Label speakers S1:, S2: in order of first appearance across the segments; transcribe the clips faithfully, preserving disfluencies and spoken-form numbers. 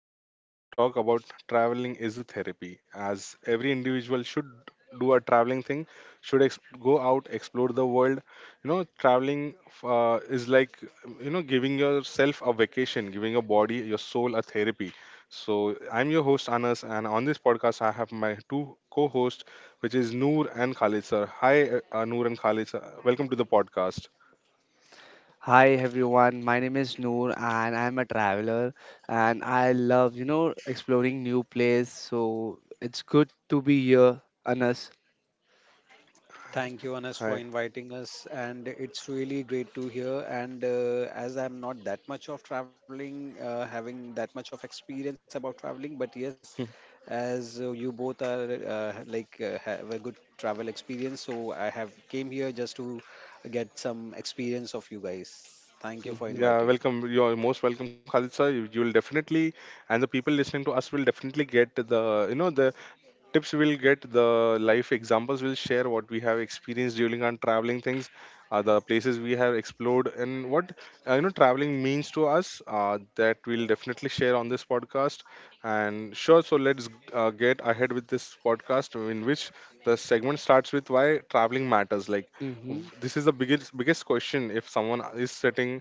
S1: in which we're going to talk about traveling is a therapy. As every individual should do a traveling thing, should ex- go out, explore the world. You know, traveling uh, is like, you know, giving yourself a vacation, giving your body, your soul a therapy. So, I'm your host, Anas, and on this podcast, I have my two co hosts, which is Noor and Khalid, sir. Hi, uh, Noor and Khalid, sir. Welcome to the podcast.
S2: Hi everyone, my name is Noor and I'm a traveler and I love, you know, exploring new place. So it's good to be here, Anas.
S3: Thank you, Anas,
S1: Hi.
S3: for inviting us, and it's really great to hear. And uh, As I'm not that much of traveling, uh, having that much of experience about traveling, but yes, as uh, you both are uh, like uh, have a good travel experience, so I have came here just to get some experience of you guys. Thank you for
S2: Mm-hmm.
S3: inviting.
S1: Yeah, welcome. You're most welcome, Khalid sir. You, you'll definitely, and the people listening to us will definitely get the, you know, the tips we'll get, the life examples we'll share, what we have experienced during our traveling things, uh, the places we have explored, and what uh, you know traveling means to us. Uh, that we'll definitely share on this podcast. And sure, so let's uh, get ahead with this podcast, in which the segment starts with why traveling matters. Like w-
S2: Mm-hmm.
S1: this is the biggest biggest question. If someone is sitting,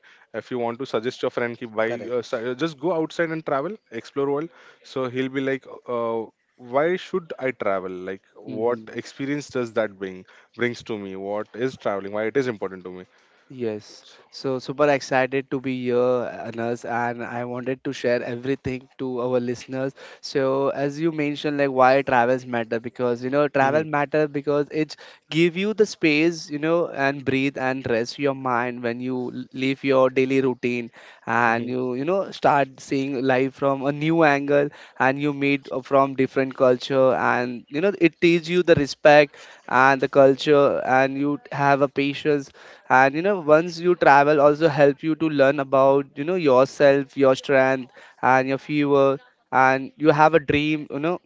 S1: if you want to suggest your friend, ki, buy, uh,
S3: Correct.
S1: su- uh, just go outside and travel, explore world. So he'll be like. Uh, why should I travel? Like, what
S2: Mm-hmm.
S1: experience does that bring brings to me? What is traveling? Why it is important to me?
S2: Yes, so super excited to be here, Anas, and I wanted to share everything to our listeners. So, as you mentioned, like why travels matter, because you know travel
S1: Hmm.
S2: matter because it give you the space, you know, and breathe and rest your mind when you l- leave your daily routine and
S1: Hmm.
S2: you you know start seeing life from a new angle and you meet uh, from different culture and you know it teach you the respect and the culture and you have a patience and you know once you travel also help you to learn about you know yourself, your strength and your fever, and you have a dream, you know,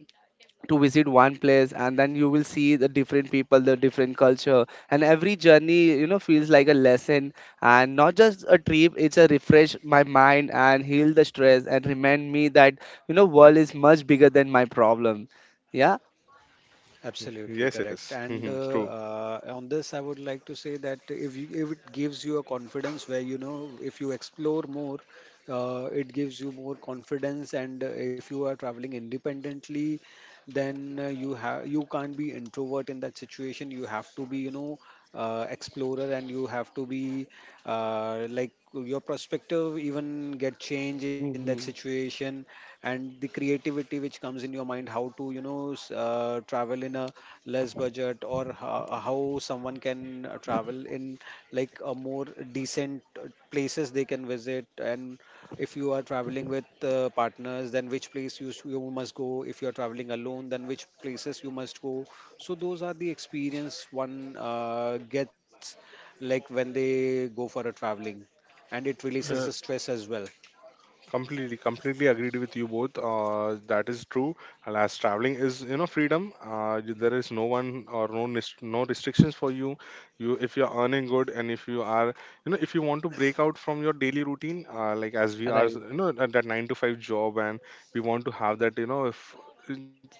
S2: to visit one place and then you will see the different people, the different culture, and every journey, you know, feels like a lesson and not just a trip. It's a refresh my mind and heal the stress and remind me that you know world is much bigger than my problem. Yeah.
S3: Absolutely
S1: Yes, yes,
S3: correct.
S1: hmm,
S3: And uh,
S1: true.
S3: uh, On this, I would like to say that if you, if it gives you a confidence where you know if you explore more, uh, it gives you more confidence. And uh, If you are traveling independently, then uh, you have you can't be introvert in that situation. You have to be, you know, uh, explorer, and you have to be uh, like, your perspective even get change in that
S2: Mm-hmm.
S3: situation, and the creativity which comes in your mind, how to, you know, s- uh, travel in a less budget, or how, how someone can uh, travel in like a more decent uh, places they can visit. And if you are traveling with uh, partners, then which place you, s- you must go. If you are traveling alone, then which places you must go. So those are the experience one uh, gets like when they go for a traveling, and it releases
S1: Uh,
S3: the stress as well.
S1: completely completely agreed with you both, uh, that is true, and as traveling is, you know, freedom, uh, you- there is no one or no nis- no restrictions for you. You if you're earning good and if you are, you know, if you want to break out from your daily routine, uh, like as we are,
S2: Right.
S1: you know, at that nine to five job, and we want to have that, you know, if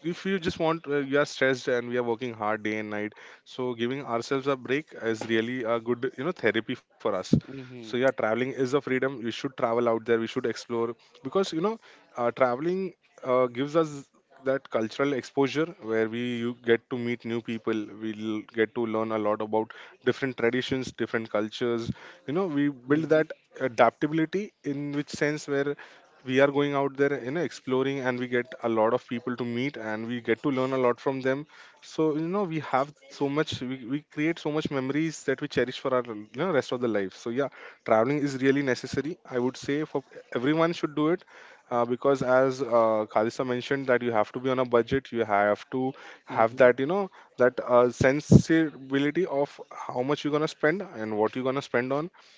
S1: if you just want uh, you are stressed and we are working hard day and night, so giving ourselves a break is really a good, you know, therapy for us. So
S2: Mm-hmm.
S1: yeah, traveling is a freedom. We should travel out there, we should explore, because, you know, uh, traveling uh, gives us that cultural exposure, where we you get to meet new people, we'll get to learn a lot about different traditions, different cultures. You know, we build
S2: Mm-hmm.
S1: that adaptability in which sense, where we are going out there, you know, exploring, and we get a lot of people to meet, and we get to learn a lot from them. So, you know, we have so much, we, we create so much memories that we cherish for our, you know, rest of the life. So yeah, traveling is really necessary, I would say. For everyone should do it. Uh, because as uh, Khalisa mentioned that you have to be on a budget. You have to have
S2: Mm-hmm.
S1: that, you know, that uh, sensibility of how much you're going to spend and what you're going to spend on.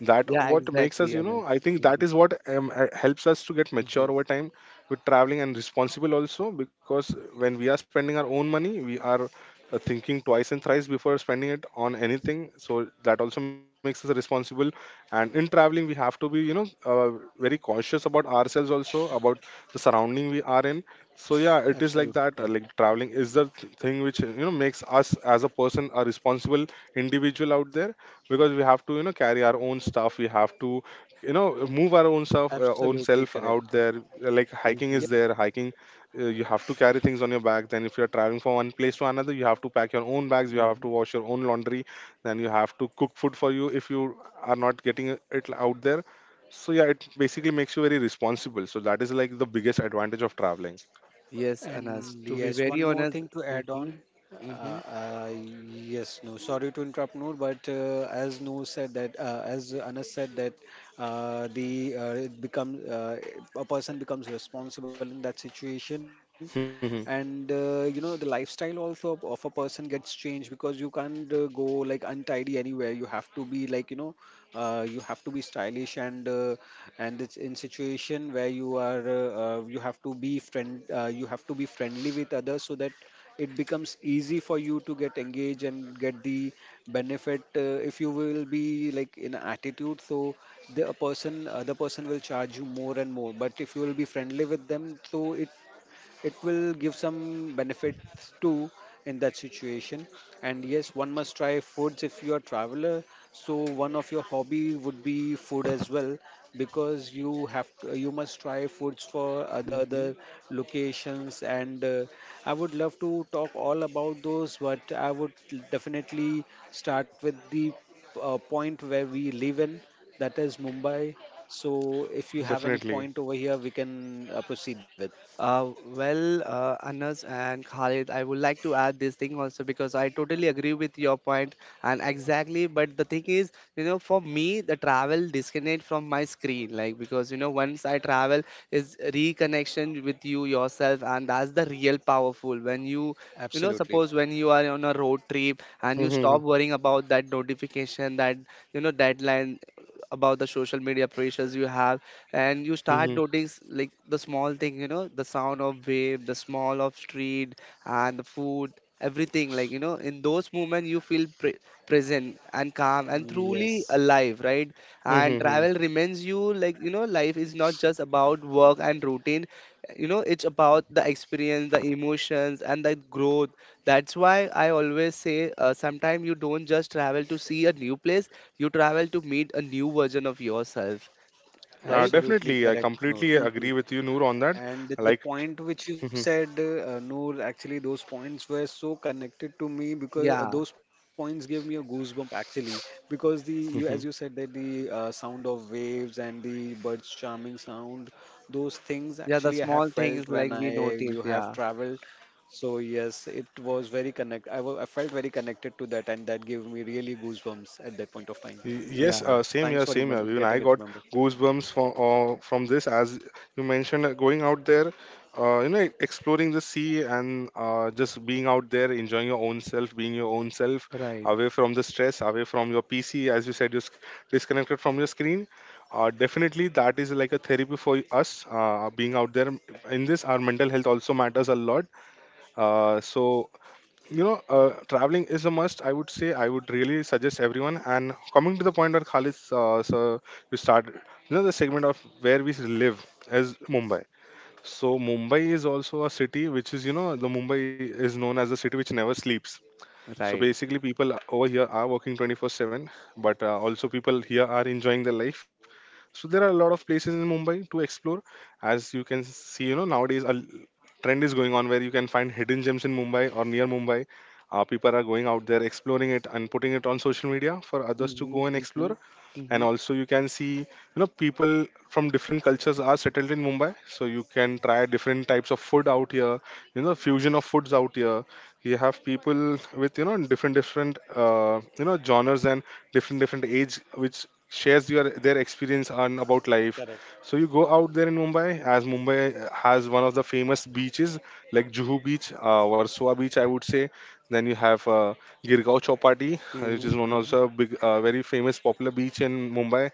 S1: That
S2: Yeah,
S1: what makes us,
S2: exactly,
S1: you know,
S2: Anas.
S1: I think
S2: Mm-hmm.
S1: that is what um, uh, helps us to get
S2: Mm-hmm.
S1: mature over time with traveling, and responsible also, because when we are spending our own money, we are uh, thinking twice and thrice before spending it on anything. So that also makes us responsible. And in traveling, we have to be, you know, uh, very cautious about ourselves, also about the surrounding we are in. So yeah, it is like that. Uh,
S3: Absolutely
S1: like,
S3: correct.
S1: traveling is the th- thing which, you know, makes us as a person a responsible individual out there, because we have to, you know, carry our own stuff. We have to, you know, move our own self, uh, own self
S3: Absolutely
S1: out
S3: correct.
S1: there. Uh, like hiking
S2: Mm-hmm.
S1: is
S3: Yeah.
S1: there. Hiking uh, you have to carry things on your back. Then if you're traveling from one place to another, you have to pack your own bags, you have to
S2: Mm-hmm.
S1: wash your own laundry, then you have to cook food for you if you are not getting it out there. So yeah, it basically makes you very responsible. So that is like the biggest advantage of traveling.
S2: Yes, Anas.
S3: And
S2: To be
S3: yes,
S2: very
S3: one more
S2: honest,
S3: thing to add
S2: mm-hmm,
S3: on.
S2: mm-hmm,
S3: Uh, uh, yes, no, sorry to interrupt, Noor, but uh, as Noor said that, uh, as Anas said that, uh, the uh, it become uh, a person becomes responsible in that situation, and uh, you know, the lifestyle also of, of a person gets changed, because you can't uh, go like untidy anywhere. You have to be like, you know, uh, you have to be stylish, and uh, and it's in situation where you are uh, uh, you have to be friend uh, you have to be friendly with others, so that it becomes easy for you to get engaged and get the benefit. Uh, if you will be like in attitude, so the a person other person will charge you more and more, but if you will be friendly with them, so it it will give some benefits too in that situation. And yes, one must try foods if you are traveler. So one of your hobby would be food as well, because you have to, you must try foods for other
S2: mm-hmm.
S3: other locations, and uh, I would love to talk all about those, but I would definitely start with the uh, point where we live in, that is Mumbai. So if you have any point over here, we can uh, proceed with.
S2: Uh, well, uh, Anas and Khalid, I would like to add this thing also because I totally agree with your point and exactly. But the thing is, you know, for me, the travel disconnect from my screen, like because you know, once I travel, is reconnection with you yourself, and that's the real powerful when you. You know, suppose
S3: Absolutely.
S2: when you are on a road trip and you
S1: Definitely.
S2: stop worrying about that notification, that you know deadline, about the social media pressures you have, and you start notice like the small thing, you know, the sound of wave, the smell of street, and the food. Everything, like, you know, in those moments you feel pre- present and calm and truly
S3: Yes,
S2: alive, right? And travel reminds you, like, you know, life is not just about work and routine. You know, it's about the experience, the emotions, and the growth. That's why I always say, uh, sometimes you don't just travel to see a new place, you travel to meet a new version of yourself.
S1: Uh,
S2: Right.
S3: absolutely
S1: definitely, I
S3: correct, Noor.
S1: completely
S2: Hmm.
S1: agree with you, Noor, on that.
S3: And the
S1: Like,
S3: point which you
S1: mhm,
S3: said, uh, Noor, actually, those points were so connected to me, because uh,
S2: Yeah.
S3: those points gave me a goosebump actually. Because the you, as you
S1: mhm.
S3: said that the uh, sound of waves and the birds charming sound, those things
S2: Yeah,
S3: actually I
S2: the
S3: have
S2: small
S3: felt
S2: things
S3: when
S2: like we
S3: I you
S2: notice,
S3: have
S2: yeah.
S3: traveled. So yes, it was very connect. I wa- I felt very connected to that, and that gave me really goosebumps at that point of time.
S1: Y- yes, uh,
S2: Yeah.
S1: same
S3: Thanks
S1: here,
S3: for
S1: same
S3: remember
S1: here. Even
S3: getting
S1: I
S3: it
S1: got
S3: remembered.
S1: goosebumps from uh, from this, as you mentioned, uh, going out there, uh, you know, exploring the sea and uh, just being out there, enjoying your own self, being your own self,
S2: Right.
S1: away from the stress, away from your P C, as you said, you're sc- disconnected from your screen. Uh, definitely, that is like a therapy for us. Uh, being out there in this, our mental health also matters a lot. Uh, so you know, uh, traveling is a must, I would say. I would really suggest everyone. And coming to the point where Khalid, uh, so you start, you know, the segment of where we live is Mumbai. So Mumbai is also a city which is, you know, the Mumbai is known as the city which never sleeps. So
S2: Right.
S1: basically, people over here are working twenty-four seven, but uh, also people here are enjoying their life. So there are a lot of places in Mumbai to explore. As you can see, you know, nowadays a l- trend is going on where you can find hidden gems in Mumbai or near Mumbai. Uh, people are going out there exploring it and putting it on social media for others to
S2: Mm-hmm.
S1: go and
S2: Mm-hmm.
S1: explore. And
S2: Mm-hmm.
S1: also, you can see, you know, people from different cultures are settled in Mumbai. So you can try different types of food out here, you know, fusion of foods out here. You have people with, you know, different different uh, you know, genres, and different different age, which shares your their experience on about life.
S3: Correct.
S1: So you go out there in Mumbai, as Mumbai has one of the famous beaches, like Juhu Beach, uh, Warsaw Beach, I would say. Then you have uh, Girgaon Chowpatty, uh, which is
S2: Mm-hmm.
S1: known
S2: Mm-hmm.
S1: as a big, uh, very famous, popular beach in Mumbai.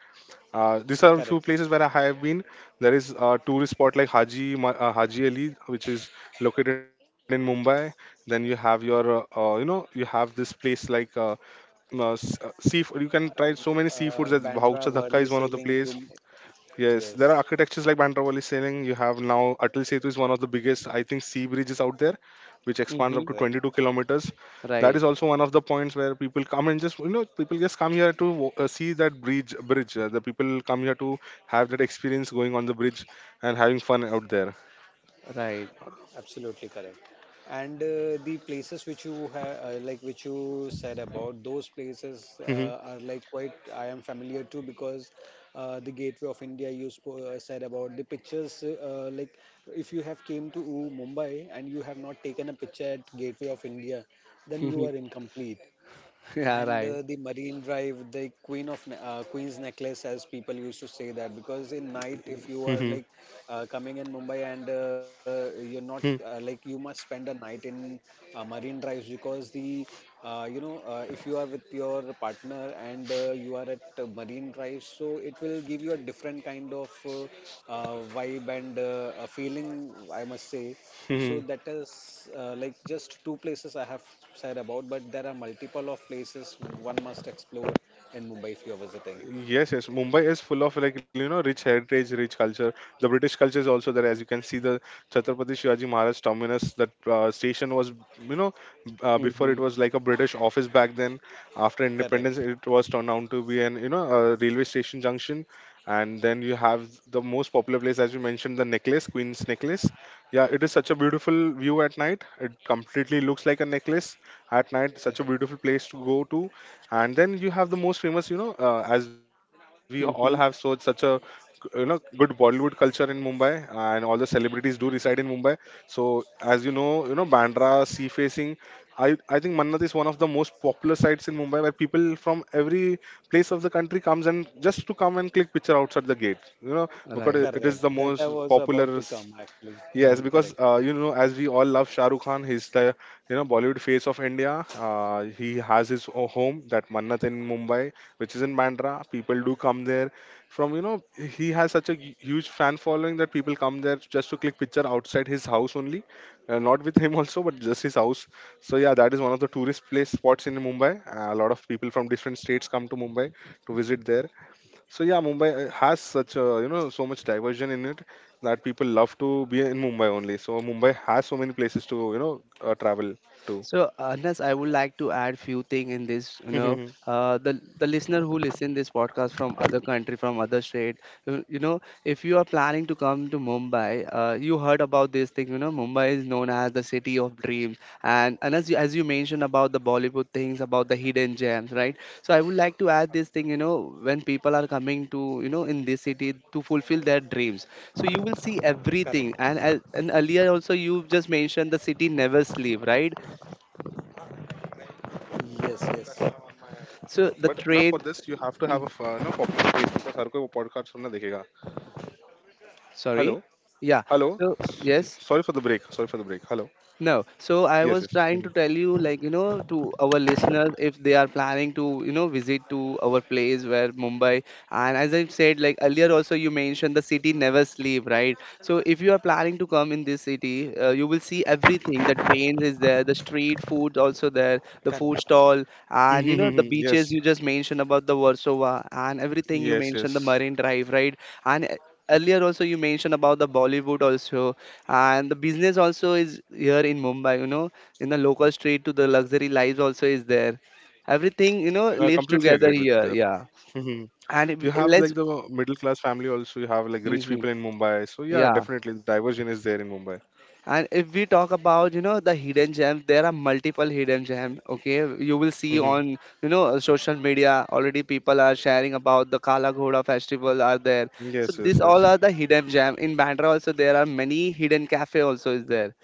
S1: uh, These are a few
S3: Correct.
S1: places where I have been. There is a tourist spot like Haji Ma- uh, Haji Ali, which is located in Mumbai. Then you have your, uh, uh, you know, you have this place like uh, uh, seafood. You can
S3: Uh,
S1: try
S3: w-
S1: so many
S3: uh,
S1: seafoods. As
S3: Bandra,
S1: Bhaucha
S3: Worli,
S1: Dhaka is one of the
S3: Sailing, you.
S1: place. Yes, there are
S3: Yes,
S1: architectures like Bandravali sailing. You have now Atal Setu is one of the biggest, I think, sea bridges out there, which expands
S2: Mm-hmm.
S1: up to
S3: correct.
S1: twenty-two kilometers. That is
S2: Right.
S1: also one of the points where people come and just, you know, people just come here to wa- uh, see that bridge. Bridge. Uh, the people come here to have that experience going on the bridge and having fun out there.
S2: Right.
S3: Absolutely correct. And uh, the places which you have, uh, like which you said about, those places uh, are like quite I am familiar too, because uh, the Gateway of India you spo- uh, said about the pictures. Uh, like, if you have came to Mumbai and you have not taken a picture at Gateway of India, then you are incomplete.
S2: Yeah.
S3: and
S2: Right.
S3: uh, the Marine Drive, the queen of ne- uh, Queen's Necklace, as people used to say that, because in night, if you
S1: Hmm.
S3: are
S1: Hmm.
S3: like uh, coming in Mumbai and uh, you're not uh, like, you must spend a night in uh, Marine Drives, because the uh, you know uh, if you are with your partner and uh, you are at uh, Marine Drive, so it will give you a different kind of uh, uh, vibe and uh, a feeling, I must say.
S1: Hmm.
S3: So that is uh, like, just two places I have said about, but there are multiple of places one must explore in Mumbai if you're visiting.
S1: Yes, yes. Mumbai is full of, like, you know, rich heritage, rich culture. The British culture is also there, as you can see. The Chhatrapati Shivaji Maharaj terminus, that uh, station was, you know, uh, before,
S2: Mm-hmm.
S1: it was like a British office back then. After independence,
S3: Correct,
S1: it was turned out to be an you know a railway station junction. And then you have the most popular place, as you mentioned, the necklace, Queen's necklace. Yeah, it is such a beautiful view at night. It completely looks like a necklace at night. Such a
S3: correct,
S1: beautiful place to go to. And then you have the most famous, you know, uh, as we all have so such
S2: Mm-hmm.
S1: a, you know, good Bollywood culture in Mumbai, and all the celebrities do reside in Mumbai. So, as you know, you know, Bandra sea facing, i i think Mannat is one of the most popular sites in Mumbai, where people from every place of the country comes, and just to come and click picture outside the gate, you know, because
S2: Right.
S1: it it is
S3: correct.
S1: the
S3: That I
S1: most
S3: was
S1: popular.
S3: about to come actually.
S1: Yes,
S2: Right.
S1: because,
S3: Correct,
S1: uh, you know, as we all love Shah Rukh Khan, he's the, you know, Bollywood face of India. Uh, he has his o- home that Mannat in Mumbai, which is in Bandra. People do come there from, you know, he has such a hu- huge fan following that people come there just to click picture outside his house only, uh, not with him also, but just his house. So yeah, that is one of the tourist place spots in Mumbai. Uh, a lot of people from different states come to Mumbai to visit there. So yeah, Mumbai uh, has such a, you know, so much diversion in it, that people love to be in Mumbai only. So Mumbai has so many places to, you know, uh, travel to.
S2: So, Anas, I would like to add few thing in this. You know, uh, the the listener who listen this podcast from other country, from other state, you, you know, if you are planning to come to Mumbai, uh, you heard about this thing. You know, Mumbai is known as the city of dreams, and and as you, as you mentioned about the Bollywood things, about the hidden gems, right? So, I would like to add this thing. You know, when people are coming to you know in this city to fulfill their dreams, so you will see everything.
S3: correct.
S2: And as- and earlier also you just mentioned the city never sleep, right?
S3: Yes, yes,
S2: So the
S1: But now for
S2: trade,
S1: this you have to have
S2: mm,
S1: a, uh, you know, popular place, because हर कोई वो podcast सुनना देखेगा.
S2: sorry,
S1: Hello,
S2: yeah.
S1: hello.
S2: So yes,
S1: Sorry for the break. Sorry for the break. Hello.
S2: no, so I
S1: Yes,
S2: was
S1: yes.
S2: trying to tell you, like, you know, to our listeners, if they are planning to, you know, visit to our place where Mumbai, and as I said, like earlier also, you mentioned the city never sleep, right? So if you are planning to come in this city, uh, you will see everything. The trains is there, the street food also there, the food
S3: correct.
S2: stall, and you know, the
S1: Yes,
S2: beaches you just mentioned about the Warsaw and everything you
S1: yes,
S2: mentioned, the
S1: yes.
S2: Marine Drive, right? And eh, earlier also you mentioned about the Bollywood also, and the business also is here in Mumbai, you know, in the local street to the luxury lives also is there. Everything, you know,
S1: I
S2: lives
S1: completely agreed
S2: together
S1: with that.
S2: here. Yeah.
S1: Mhm. You
S2: And if,
S1: have like the
S2: let's,
S1: middle class family also. You have like rich
S2: hmm,
S1: people in Mumbai. So yeah,
S2: yeah.
S1: definitely the diversion is there in Mumbai.
S2: And if we talk about, you know, the hidden gems, there are multiple hidden gems, okay? You will see
S1: Hmm.
S2: on, you know, uh, social media already people are sharing about the Kala Ghoda festival are there. So
S1: Yes, yes,
S2: these all
S1: yes.
S2: are the hidden gem in Bandra, also there are many hidden cafe also is there.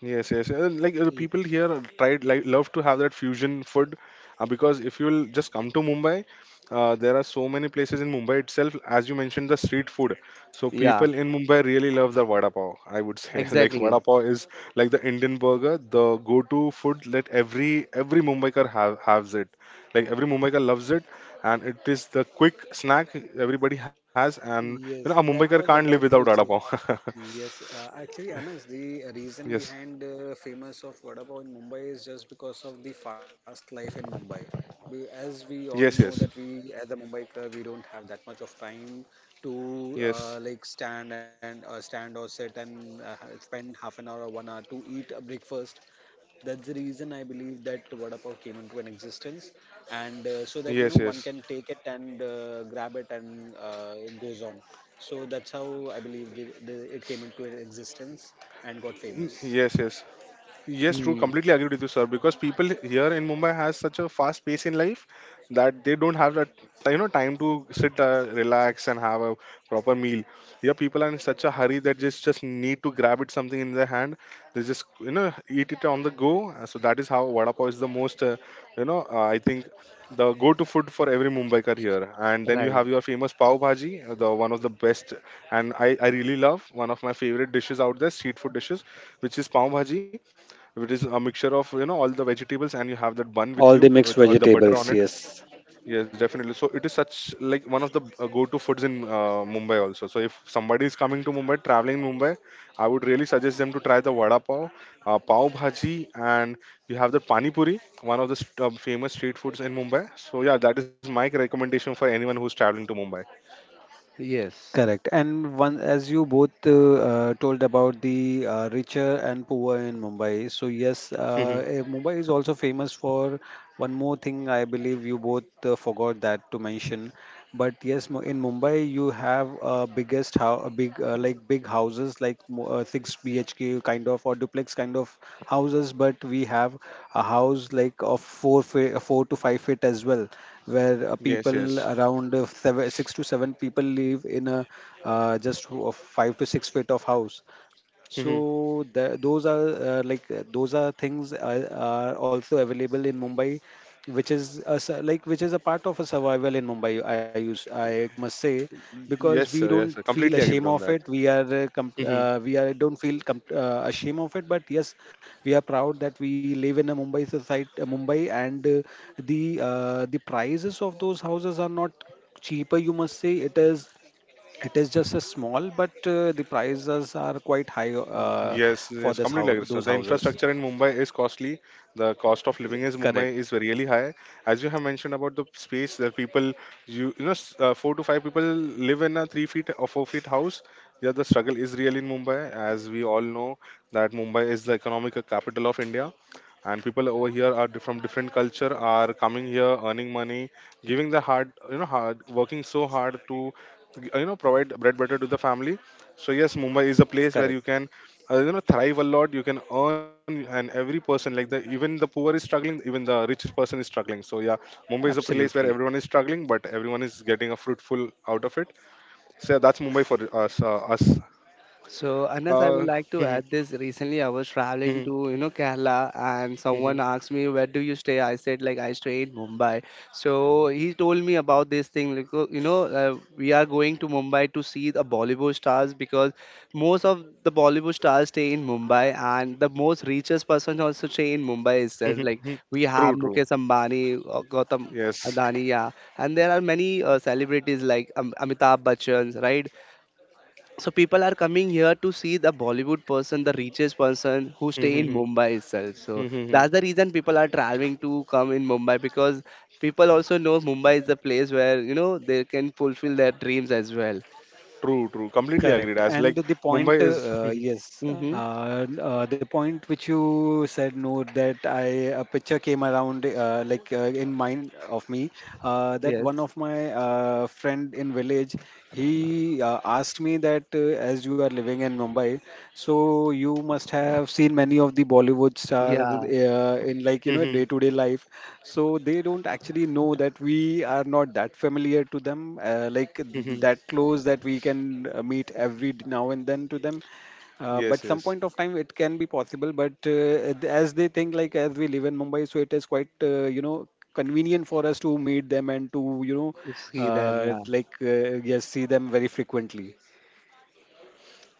S1: Yes, yes. Uh, like uh, people here are tried like love to have that fusion food uh, because if you'll just come to Mumbai, uh, there are so many places in Mumbai itself. As you mentioned, the street food. So
S2: Yeah,
S1: people in Mumbai really love the vada pav, I would say. Like vada
S2: exactly.
S1: pav is like the Indian burger, the go-to food that every every Mumbaikar have has it. Like every Mumbaikar loves it, and it is the quick snack everybody has. And you know a
S3: Yes,
S1: Mumbaikar
S3: that
S1: can't
S3: was
S1: live
S3: about
S1: without
S3: to
S1: vada
S3: say
S1: pav.
S3: actually. Yes, uh, actually, Anas, the reason
S1: Yes,
S3: behind uh, famous of vada pav in Mumbai is just because of the fast life in Mumbai. We, as we all know
S1: yes,
S3: that
S1: yes,
S3: we, as a Mumbaikar, we don't have that much of time to uh,
S1: yes.
S3: like stand and uh, stand or sit and uh, ha- spend half an hour or one hour to eat a breakfast. That's the reason I believe that vada pav came into an existence, and uh, so that, you know,
S1: Yes,
S3: one can
S1: yes,
S3: take it and uh, grab it and uh, goes on. So that's how I believe the, the, it came into an existence and got famous.
S1: yes, yes. Yes, true.
S2: Hmm.
S1: Completely agree with you, sir. Because people here in Mumbai has such a fast pace in life that they don't have that you know time to sit, uh, relax, and have a proper meal. Here, people are in such a hurry that just just need to grab it something in their hand. They just you know eat it on the go. Uh, So that is how vada pav is the most, uh, you know uh, I think, the go-to food for every Mumbaiker here. And then you
S2: Right.
S1: have your famous pav bhaji, uh, the one of the best, and I I really love one of my favorite dishes out there, street food dishes, which is pav bhaji. If it is a mixture of you know all the vegetables, and you have that bun with
S3: All the
S1: you
S3: mixed
S1: with uh, the butter
S3: vegetables,
S1: on it.
S3: yes.
S1: Yes, definitely. So it is such like one of the uh, go-to foods in uh, Mumbai also. So if somebody is coming to Mumbai, traveling Mumbai, I would really suggest them to try the vada pav, uh, pav bhaji, and you have the pani puri, one of the st- uh, famous street foods in Mumbai. So yeah, that is my recommendation for anyone who's traveling to Mumbai.
S2: Yes.
S3: Correct. And one, as you both uh, uh, told about the uh, richer and poor in Mumbai. So yes,
S1: Mhm.
S3: uh, eh, Mumbai is also famous for one more thing. I believe you both uh, forgot that to mention. But yes, Mu- in Mumbai, you have uh, biggest, how big uh, like big houses like mo- uh, six B H K kind of or duplex kind of houses. But we have a house like of four fe- four to five feet as well, where uh,
S1: Yes,
S3: people
S1: yes.
S3: around uh, seven, six to seven people live in a uh, just w- of five to six feet of house.
S1: Mhm.
S3: So the, those are uh, like uh, those are things uh, are also available in Mumbai, which is a, su- like which is a part of a survival in Mumbai. I use I must say,
S1: Yes,
S3: because we
S1: sir, yes,
S3: don't
S1: sir.
S3: feel
S1: Completely agreed
S3: ashamed
S1: on
S3: of
S1: that.
S3: it. We are uh, com-
S1: Mm-hmm.
S3: uh, we are don't feel com- uh, ashamed of it, but yes, we are proud that we live in a Mumbai society, uh, Mumbai, and uh, the uh, the prices of those houses are not cheaper. You must say it is, it is just a small, but uh, the prices are quite high uh,
S1: Yes,
S3: for
S1: yes,
S3: this
S1: completely agree,
S3: house,
S1: sir. The
S3: those
S1: infrastructure
S3: houses.
S1: in Mumbai is costly. The cost of living is Mumbai is
S3: Correct,
S1: really high. As you have mentioned about the space, that people you you know s- uh, four to five people live in a three feet or four feet house. Yeah, the struggle is real in Mumbai, as we all know that Mumbai is the economic capital of India, and people over here are di- from different culture are coming here, earning money, giving the hard you know hard working so hard to you know provide bread butter to the family. So yes, Mumbai is a place where you
S3: correct,
S1: can, uh, you know thrive a lot. You can earn, and every person, like the even the poor is struggling, even the richest person is struggling. So yeah, Mumbai is a place where everyone
S3: absolutely.
S1: is struggling, but everyone is getting a fruitful out of it. So yeah, that's Mumbai for us uh, us.
S2: So, Anas, I would
S1: uh,
S2: like to
S1: mhm,
S2: add this. Recently, I was traveling
S1: mhm,
S2: to, you know, Kerala, and someone
S1: mhm,
S2: asked me, "Where do you stay?" I said, "Like I stay in Mumbai." So he told me about this thing. Like, "Oh, you know, uh, we are going to Mumbai to see the Bollywood stars because most of the Bollywood stars stay in Mumbai, and the most richest person also stay in Mumbai itself.
S1: mhm,
S2: Like
S1: mhm.
S2: we
S1: True,
S2: have
S1: true.
S2: Mukesh Ambani, uh, Gautam
S1: Yes.
S2: Adani, yeah, and there are many uh, celebrities like um, Amitabh Bachchan, right? So people are coming here to see the Bollywood person, the richest person who stay
S1: Mhm,
S2: in
S1: mhm,
S2: Mumbai itself. So
S1: mhm,
S2: that's
S1: mhm.
S2: the reason people are traveling to come in Mumbai because people also know Mumbai is the place where you know they can fulfill their dreams as well.
S1: True, true, completely agreed. As
S3: Correct.
S1: like
S3: And the
S1: Mumbai is
S3: point,
S1: Mhm,
S3: uh, yes,
S2: Mm-hmm.
S3: uh, n- uh, the point which you said, Noor, that I, a picture came around, uh, like uh, in mind of me, uh, that one
S2: Yes.
S3: of my uh, friend in village, he uh, asked me that uh, as you are living in Mumbai, so you must have seen many of the Bollywood stars
S2: Yeah.
S3: uh, in, like, you know,
S1: mhm,
S3: day-to-day life. So they don't actually know that we are not that familiar to them, uh, like
S1: mhm.
S3: that close that we can uh, meet every d- now and then to them. Uh,
S1: Yes,
S3: but some
S1: yes.
S3: point of time it can be possible, but uh, th- as they think like as we live in Mumbai, so it is quite uh, you know, convenient for us to meet them and to, you know,
S2: To see them.
S3: uh,
S2: Yeah.
S3: like uh, yes, see them very frequently.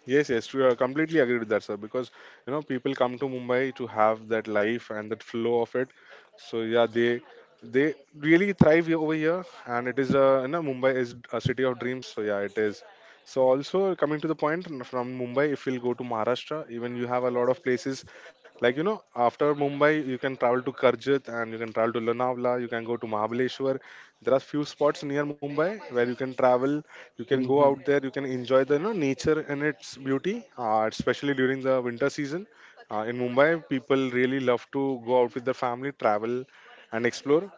S1: Yes, yes, true. I completely agree with that, sir. Because you know, people come to Mumbai to have that life and that flow of it. So yeah, they they really thrive here- over here, and it is a, you know Mumbai is a city of dreams. So yeah, it is. So also coming to the point n- from Mumbai, if we'll go to Maharashtra, even you have a lot of places like you know after Mumbai you can travel to Karjat and you can travel to Lonavala, you can go to Mahabaleshwar. There are few spots near Mumbai where you can travel, you can go
S2: Mm-hmm.
S1: out there, you can enjoy the, you know, nature and its beauty, uh, especially during the winter season uh, in Mumbai. People really love to go out with their family, travel and explore.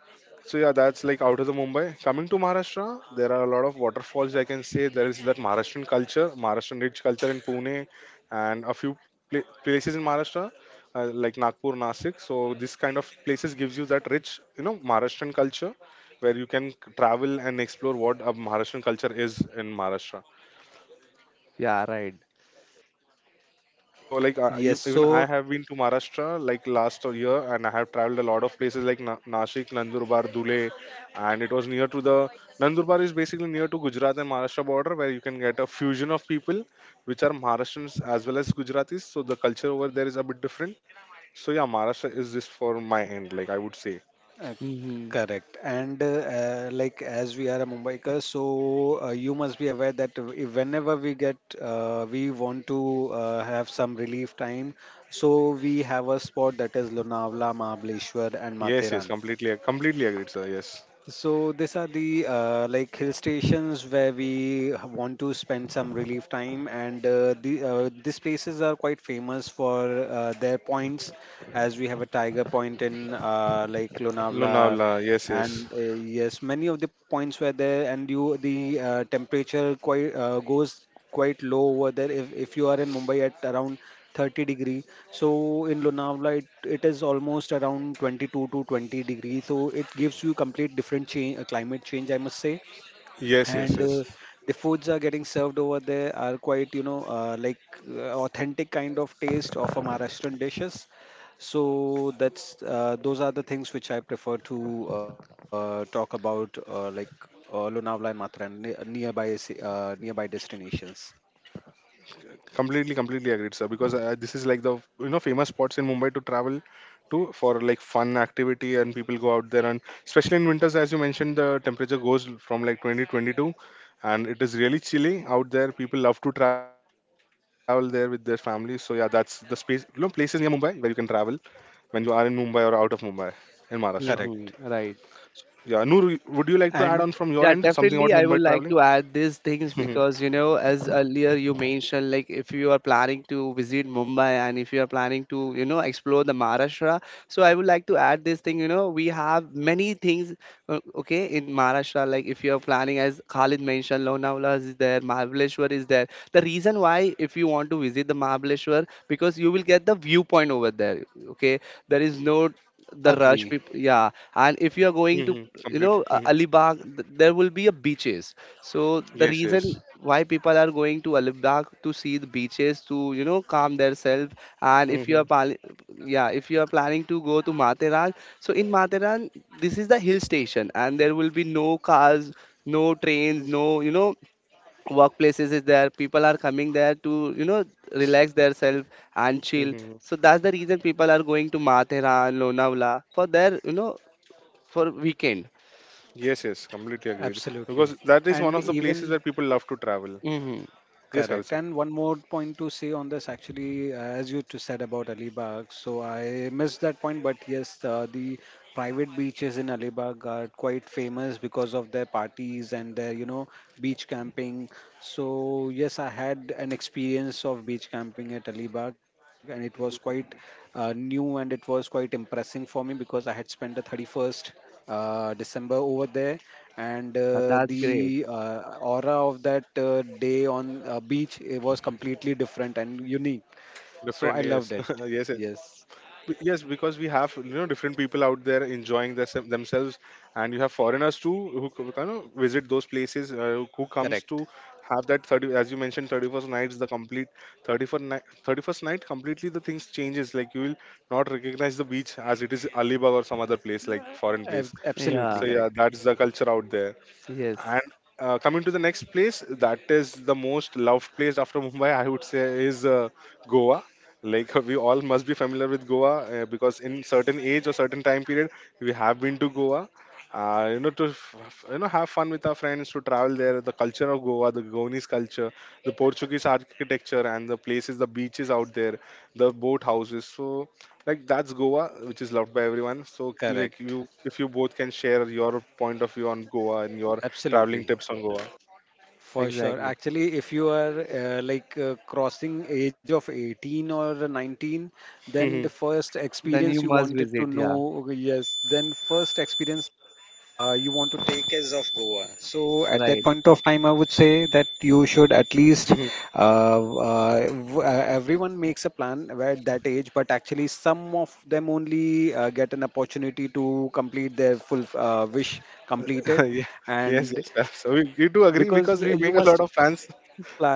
S1: So yeah, that's like out of the Mumbai. Coming to Maharashtra, there are a lot of waterfalls, I can say. There is that Maharashtrian culture, Maharashtrian rich culture in Pune, and a few pla- places in Maharashtra uh, like Nagpur, Nasik. So this kind of places gives you that rich, you know, Maharashtrian culture where you can travel and explore what a Maharashtrian culture is in Maharashtra.
S2: Yeah. Right.
S1: So like uh,
S3: Yes,
S1: ev- even
S3: so.
S1: I have been to Maharashtra like last year and I have traveled a lot of places like Na- Nashik, Nandurbar, Dhule, and it was near to the Nandurbar is basically near to Gujarat and Maharashtra border where you can get a fusion of people which are Maharashtrians as well as Gujaratis. So the culture over there is a bit different. So yeah, Maharashtra is this for my end, like I would say.
S3: Uh,
S2: Mm-hmm.
S3: Correct. And uh, uh, like, as we are a Mumbaiker, so uh, you must be aware that if- whenever we get, uh, we want to uh, have some relief time. So we have a spot that is Lonavala, Mahabaleshwar, and
S1: Yes, yes,
S3: Matheran.
S1: completely, completely agreed, sir. Yes,
S3: So these are the uh, like hill stations where we h- want to spend some relief time, and uh, the uh, these places are quite famous for uh, their points, as we have a tiger point in uh, like Lonavala,
S1: Lonavala. Yes, yes,
S3: and uh, yes, many of the points were there, and you the uh, temperature quite uh, goes quite low over there. If if you are in Mumbai at around thirty degree, so in Lonavala it, it is almost around twenty-two to twenty degree, so it gives you complete different change, uh, climate change, I must say.
S1: yes, yes,
S3: and
S1: yes.
S3: uh, the foods are getting served over there are quite, you know, uh, like uh, authentic kind of taste of a Maharashtrian dishes. So that's uh, those are the things which I prefer to uh, talk about, uh, like uh, Lonavala and Mathura and ne- nearby ci- uh, nearby destinations.
S1: Completely, completely agreed, sir. Because uh, this is like the, you know famous spots in Mumbai to travel to for like fun activity, and people go out there, and especially in winters, as you mentioned, the temperature goes from like twenty twenty two, and it is really chilly out there. People love to travel there with their families. So yeah, that's the space, you know, places near Mumbai where you can travel when you are in Mumbai or out of Mumbai in Maharashtra.
S3: Correct
S2: Mm-hmm. Right.
S1: Yeah, Noor, would you like to add on from
S3: and
S1: your end
S2: Yeah,
S1: something about
S2: definitely.
S1: Mumbai
S2: I would
S1: traveling?
S2: like to add these things
S1: Hmm.
S2: because, you know, as earlier you mentioned, like if you are planning to visit Mumbai and if you are planning to, you know, explore the Maharashtra. So I would like to add this thing, you know, we have many things, uh, okay, in Maharashtra. Like if you are planning, as Khalid mentioned, Lonavala is there, Mahabaleshwar is there. The reason why, if you want to visit the Mahabaleshwar, because you will get the viewpoint over there, okay? There is no the rush
S3: agree.
S2: people, yeah. And if you are going to,
S1: Mm-hmm.
S2: you
S1: Completely.
S2: know, uh,
S1: Mhm.
S2: Alibag, th- there will be a beaches. So the
S1: Yes, yes.
S2: reason why people are going to Alibag to see the beaches, to, you know, calm themselves. And if you are pal- yeah, if you are planning to go to Materan, so in Materan, this is the hill station and there will be no cars, no trains, no, you know, workplaces is there. People are coming there to, you know, relax themselves and chill.
S1: Mm-hmm.
S2: So that's the reason people are going to Mathera and Lonavala for their, you know, for weekend.
S1: Yes, yes, completely agreed.
S3: Absolutely.
S1: Because that is one
S3: And
S1: of the places
S3: even
S1: where people love to travel.
S2: Mm-hmm.
S1: Yes,
S3: correct.
S1: also
S3: And one more point to say on this, actually, uh, as you t- said about Alibag, so I missed that point, but yes, uh, the private beaches in Alibag are quite famous because of their parties and their, you know, beach camping. So yes, I had an experience of beach camping at Alibag, and it was quite uh, new, and it was quite impressing for me, because I had spent the thirty-first uh, December over there, and uh,
S2: That's great.
S3: the uh, aura of that uh, day on uh, beach, it was completely different and unique.
S1: different.
S3: So I
S1: Yes,
S3: loved it.
S1: yes, yes.
S3: Yes,
S1: Be- yes. Because we have, you know different people out there enjoying their, sem- themselves, and you have foreigners too who c- kind of visit those places. Uh, who comes to
S3: correct.
S1: have that thirty, as you mentioned, thirty first nights, the complete thirty first night, thirty first night, completely the things changes. Like you will not recognize the beach as it is Alibaba or some other place, like foreign place.
S3: Ab-
S2: Yeah.
S1: So
S3: absolutely
S1: yeah,
S3: correct.
S1: that's the culture out there. And
S2: Yes,
S1: uh, coming to the next place, that is the most loved place after Mumbai, I would say, is uh, Goa. Like we all must be familiar with Goa uh, because in certain age or certain time period, we have been to Goa. Uh, you know, to f- f- you know, have fun with our friends, to travel there, the culture of Goa, the Goanese culture, the Portuguese architecture and the places, the beaches out there, the boat houses. So like that's Goa, which is loved by everyone. So like
S3: Correct.
S1: you, if you both can share your point of view on Goa and your traveling
S3: Absolutely.
S1: tips on Goa.
S3: For sure.
S2: exactly.
S3: Actually, if you are uh, like uh, crossing age of eighteen or nineteen, then the
S1: Mhm,
S3: first
S2: Then you
S3: experience you
S2: must
S3: wanted
S2: visit,
S3: to
S2: yeah.
S3: know, yes, then first experience uh, you want to take is of Goa. So at
S2: Right.
S3: that point of time, I would say that you should at least uh,
S1: mhm.
S3: uh, w- uh, everyone makes a plan at that age, but actually some of them only uh, get an opportunity to complete their full uh, wish completed,
S1: Ye- yes,
S3: and
S1: yes, sir. So we, we do agree
S3: because
S1: because we
S3: you
S1: make a lot
S3: must
S1: of plans,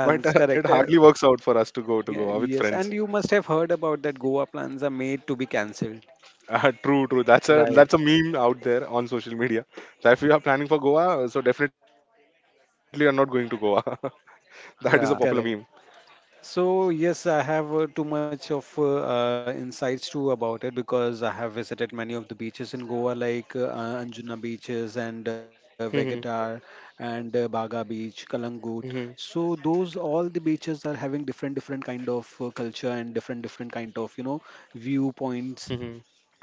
S1: but uh, it
S3: correct. Uh,
S1: hardly works out for us to go to
S3: yeah,
S1: Goa with
S3: yes, and
S1: friends.
S3: you must have heard about that Goa plans are made to be cancelled.
S1: Uh, true, true. That's a
S2: Right.
S1: that's a meme out there on social media. So if you are planning for Goa, uh, so definitely you're not going to Goa. That is a popular meme.
S2: Yeah.
S3: Correct. So yes, I have uh, too much of uh, uh, insights too about it because I have visited many of the beaches in Goa, like uh, uh, Anjuna beaches and uh, Vegetar
S1: Mhm,
S3: and uh, Baga Beach, Kalangut.
S1: mhm,
S3: So those all the beaches are having different different kind of uh, culture and different different kind of, you know, viewpoints
S1: mhm,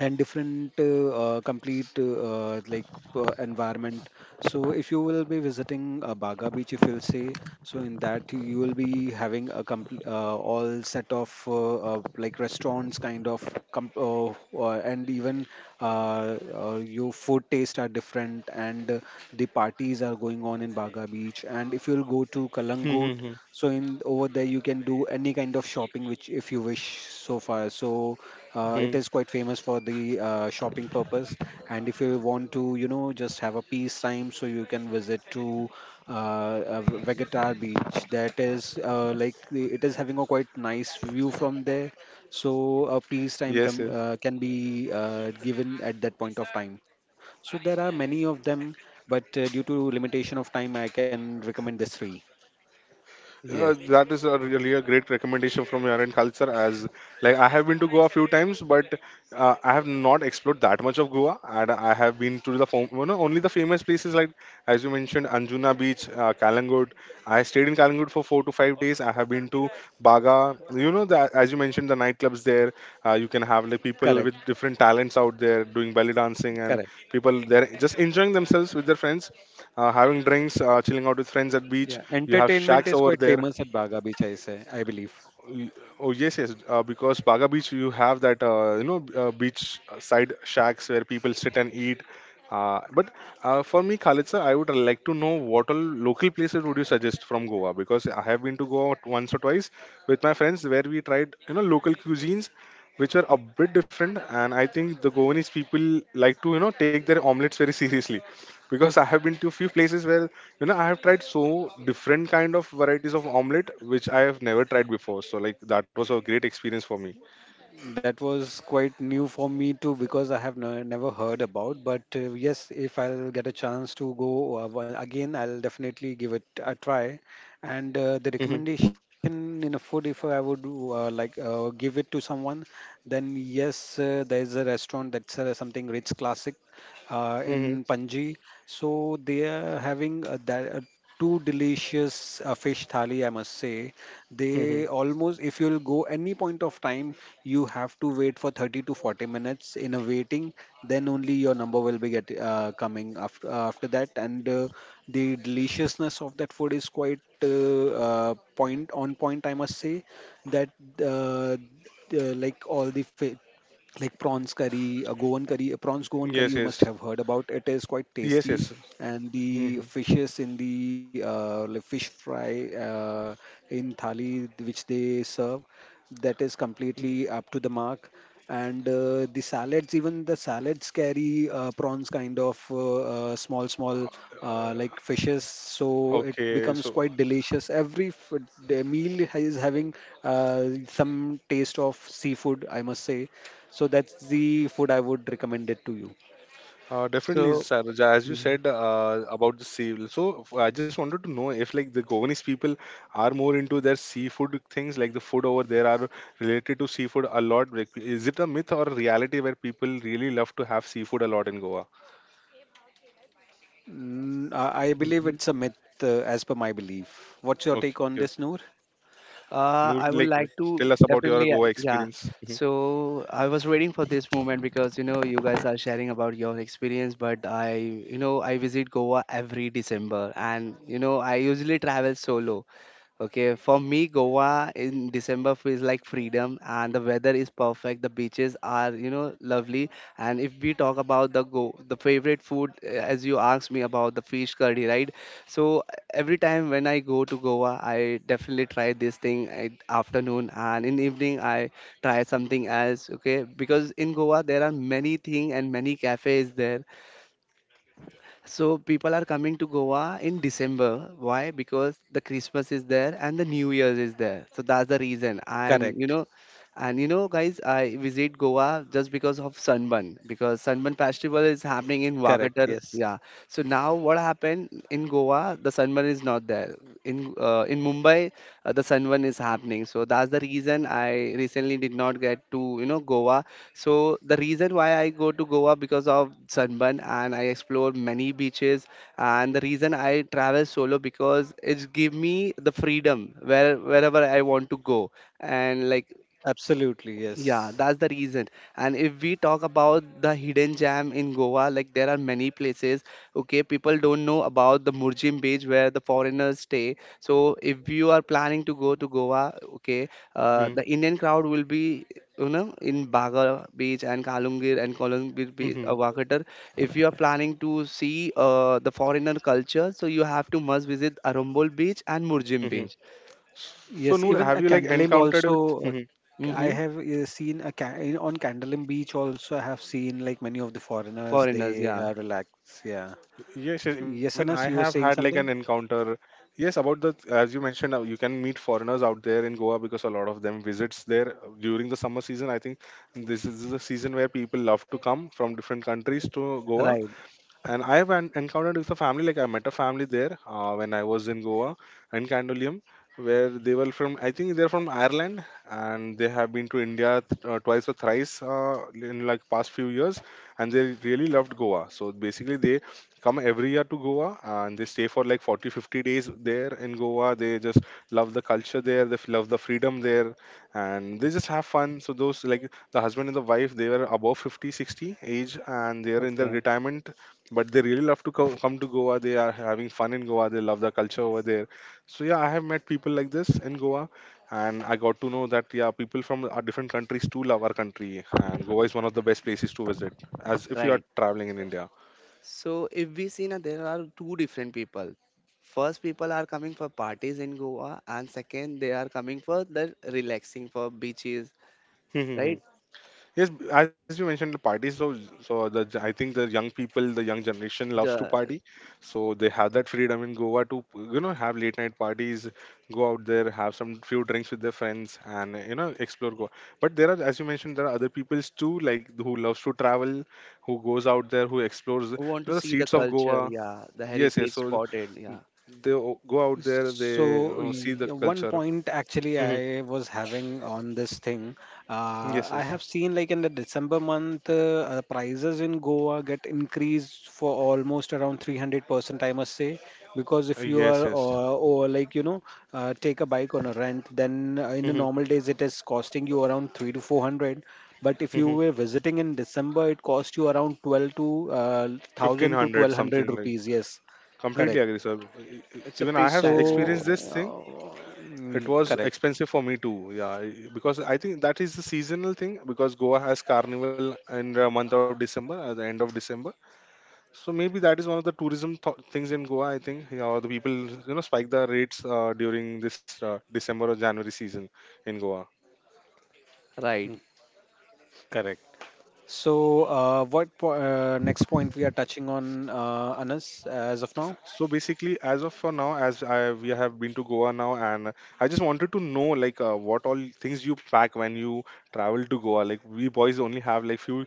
S3: and different uh, uh, complete uh, like uh, environment. So if you will be visiting uh, Baga Beach, if you'll say, so in that you will be having a complete uh, all set of uh, uh, like restaurants kind of, com- uh, uh, and even uh, uh, your food taste are different, and uh, the parties are going on in Baga Beach. And if you'll go
S1: mhm,
S3: to
S1: mhm,
S3: Kalangut, so in over there you can do any kind of shopping which if you wish so far, so
S1: mhm.
S3: uh, it is quite famous for the uh, shopping purpose. And if you want to, you know, just have a peace time, so you can visit to uh, uh, V- Vegetar Beach. That is uh, like the- it is having a quite nice view from there. So a peace time
S1: Yes,
S3: can
S1: yes.
S3: uh, can be uh, given at that point of time. So there are many of them, but uh, due to limitation of time, I can recommend this three.
S1: Uh, that
S2: Yes.
S1: is a really a great recommendation from your end culture. As like I have been to Goa a few times, but uh, I have not explored that much of Goa and I have been to the fam- you know, only the famous places like, as you mentioned, Anjuna Beach, uh, Kalangod. I stayed in Kalangod for four to five days. I have been to Baga. You know that, as you mentioned, the nightclubs there. Uh, you can have like people
S3: Correct,
S1: with different talents out there doing belly dancing, and
S3: correct.
S1: people there just enjoying themselves with their friends, uh, having drinks, uh, chilling out with friends at beach.
S3: Yeah,
S1: You have
S3: entertainment
S1: shacks
S3: is
S1: over
S3: quite
S1: there.
S3: famous at Baga Beach, I say, I believe.
S1: Y- Oh yes, yes. Uh, because Baga Beach, you have that uh, you know uh, beach side shacks where people sit and eat. Uh, but uh, for me, Khalid sir, I would like to know what all local places would you suggest from Goa. Because I have been to Goa once or twice with my friends where we tried, you know local cuisines, which are a bit different. And I think the Goanese people like to, you know take their omelets very seriously, because I have been to few places where you know I have tried so different kind of varieties of omelette which I have never tried before. So like that was a great experience for me.
S3: That was quite new for me too because I have ne- never heard about. But uh, yes, if I'll get a chance to go uh, one- again, I'll definitely give it a try. And uh, the
S1: Mhm,
S3: recommendation in a food, if I would uh, like uh, give it to someone, then yes, uh, there is a restaurant that's uh, something Ritz Classic uh,
S1: mhm,
S3: in Panji. So they are having uh, that. Uh, Two delicious uh, fish thali, I must say.
S1: mhm.
S3: They almost, if you'll go any point of time, you have to wait for thirty to forty minutes in a waiting, then only your number will be get uh, coming after after that. And uh, the deliciousness of that food is quite uh, uh, point on point, I must say that uh, the, like all the fa- like prawns curry, a Goan curry, a prawns Goan curry
S1: Yes,
S3: you
S1: yes,
S3: must have heard about. It is quite
S1: yes, yes.
S3: tasty, and the
S1: Mhm.
S3: fishes in the uh, like fish fry uh, in thali th- which they serve, that is
S1: Uh,
S3: completely up to the mark. And uh, the salads, even the salads carry uh, prawns kind of uh, uh, small, small uh, like fishes, so it
S1: okay,
S3: becomes
S1: so
S3: quite delicious. Every f- the meal is having uh, some taste of seafood, I must say, so that's the food I would recommend it to you.
S1: Uh, definitely,
S2: So
S1: Saroj. As you said uh, about the sea, so f- I just wanted to know if like the Goanese people are more into their seafood things, like the food over there are related to seafood a lot. Like, is it a myth or a reality where people really love to have seafood a lot in Goa?
S3: Mm, I I believe
S2: mhm.
S3: it's a myth, uh, as per my belief. What's your
S1: Okay,
S3: take
S1: okay.
S3: on this, Noor?
S1: Noor,
S2: Uh, I
S1: like
S2: would
S1: uh,
S2: like
S1: tell us
S2: to
S1: about your
S2: definitely, uh,
S1: Goa
S2: yeah.
S1: experience. Hmm.
S2: So I was waiting for this moment because you know you guys are sharing about your experience, but I, you know, I visit Goa every December, and you know I usually travel solo. Okay, for me, Goa in December feels like freedom, and the weather is perfect. The beaches are, you know, lovely. And if we talk about the go, the favorite food, uh, as you asked me about the fish curry, right? So every time when I go to Goa, I definitely try this thing at afternoon, and in evening I try something else. Okay, because in Goa there are many thing and many cafes there, so people are coming to Goa in December. Why? Because the Christmas is there and the New Year's is there. So that's the reason. And you
S3: Correct.
S2: know, and you know, guys, I visit Goa just because of Sunburn because Sunburn Festival is happening in
S3: Correct.
S2: Wagatar.
S3: Yes.
S2: Yeah. So now what happened in Goa? The Sunburn is not there. In uh, in Mumbai, uh, the Sunburn is happening. So that's the reason I recently did not get to you know Goa. So the reason why I go to Goa because of Sunburn, and I explore many beaches, and the reason I travel solo because it's give me the freedom where wherever I want to go, and like,
S3: Absolutely.
S2: yeah,
S3: Yes.
S2: that's the reason. And if we talk about the hidden gem in Goa, like there are many places, okay, people don't know about the Murjim Beach where the foreigners stay. So if you are planning to go to Goa, okay,
S1: Hmm.
S2: uh, the Indian crowd will be, you know, in Baga Beach and Kalungir and Kolungir Beach,
S1: Hmm.
S2: uh, Wakatar. If you are planning to see uh, the foreigner culture, so you have to must visit Arambol Beach and Murjim
S1: Hmm.
S2: Beach.
S1: So,
S3: Yes.
S1: Noor,
S3: Even
S1: have
S3: a
S1: you like
S3: Candolim
S1: encountered
S3: also, uh,
S1: with?
S3: I
S2: Mm-hmm.
S3: have uh, seen a ca- in- on Candolim beach also. I have seen like many of the foreigners
S2: Foreigners,
S3: they
S2: yeah,
S3: uh, relax. Yeah.
S1: Yes, yes,
S3: Yes,
S1: even
S3: Anas,
S1: I
S3: you were
S1: have
S3: saying
S1: had like an
S3: something?
S1: encounter. Yes, about the as you mentioned, uh, you can meet foreigners out there in Goa because a lot of them visits there uh, during the summer season. I think this is the season where people love to come from different countries to Goa,
S2: right.
S1: and I've en- encountered with a family, like I met a family there uh, when I was in Goa and Kandolium, where they were from. I think they're from Ireland, and they have been to India th- uh, twice or thrice uh, in like past few years, and they really loved Goa. So basically, they come every year to Goa and they stay for like forty fifty days there in Goa. They just love the culture there, they f- love the freedom there, and they just have fun. So, those like the husband and the wife, they were above fifty sixty age and they are in their
S2: Okay,
S1: retirement, but they really love to come, come to Goa. They are having fun in Goa. They love the culture over there. So yeah, I have met people like this in Goa, and I got to know that yeah, people from our different countries too love our country, and Goa is one of the best places to visit, as if you are
S2: right.
S1: traveling in India.
S2: So if we see now there are two different people. First people are coming for parties in Goa and second they are coming for the relaxing for beaches, right?
S1: Yes, b- as you mentioned, the parties. So, so the I think the young people, the young generation loves to
S2: The
S1: party, so they have that freedom in Goa to you know have late night parties, go out there, have some few drinks with their friends, and you know explore Goa. But there are, as you mentioned, there are other peoples too, like who loves to travel, who goes out there, who explores you
S2: who want to
S1: know the
S2: see the
S1: streets of
S2: culture,
S1: Goa.
S2: yeah, the
S1: Yes, yes.
S2: heritage
S1: So
S2: spotted, yeah.
S1: they o- go out there, they you
S3: So
S1: know, see
S3: y-
S1: the
S3: one
S1: culture.
S3: point actually
S1: Mhm.
S3: I was having on this thing, uh,
S1: Yes,
S3: I
S1: yes.
S3: have seen like in the December month, uh, uh, prices in Goa get increased for almost around three hundred percent, I must say, because
S1: Uh,
S3: if you
S1: yes,
S3: are
S1: yes.
S3: or, or like you know, uh, take a bike on a rent, then uh, in the
S1: Mm-hmm.
S3: normal days it is costing you around three to four hundred. But if you
S1: Mm-hmm.
S3: were visiting in December, it cost you around twelve to uh,
S1: Fifteen
S3: one thousand to
S1: hundred
S3: twelve hundred
S1: something like.
S3: rupees. Yes,
S1: Completely
S3: correct.
S1: agree, sir. E- e-
S2: It's a
S1: Even I
S2: peak
S1: have
S2: time,
S3: So,
S1: experienced
S2: yeah.
S1: this thing.
S3: uh,
S1: It
S3: mm,
S1: was
S3: correct,
S1: expensive for me too. Yeah, e- because I think that is the seasonal thing. Because Goa has carnival in the month of December, at the end of December. So maybe that is one of the tourism th- things in Goa. I think yeah, or the people you know spike the rates uh, during this uh, December or January season in Goa.
S2: Right.
S3: correct. So, uh, what po uh, next point we are touching on, uh, Anas, as of now?
S1: So basically, as of for now, as I, we have been to Goa now, and I just wanted to know like uh, what all things you pack when you travel to Goa. Like we boys only have like few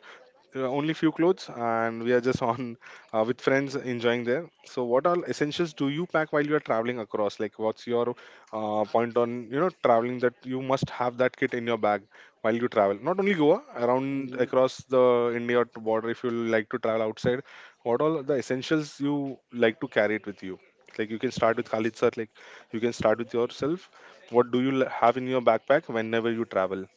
S1: uh, only few clothes and we are just on uh, with friends enjoying there, so what all essentials do you pack while you are traveling across, like what's your uh, point on you know traveling, that you must have that kit in your bag while you travel, not only Goa, around,
S2: Mm-hmm,
S1: across the India border, if you like to travel outside. What all are the essentials you like to carry it with you? Like you can start with Khalid sir, like you can start with yourself. What do you l- have in your backpack whenever you travel?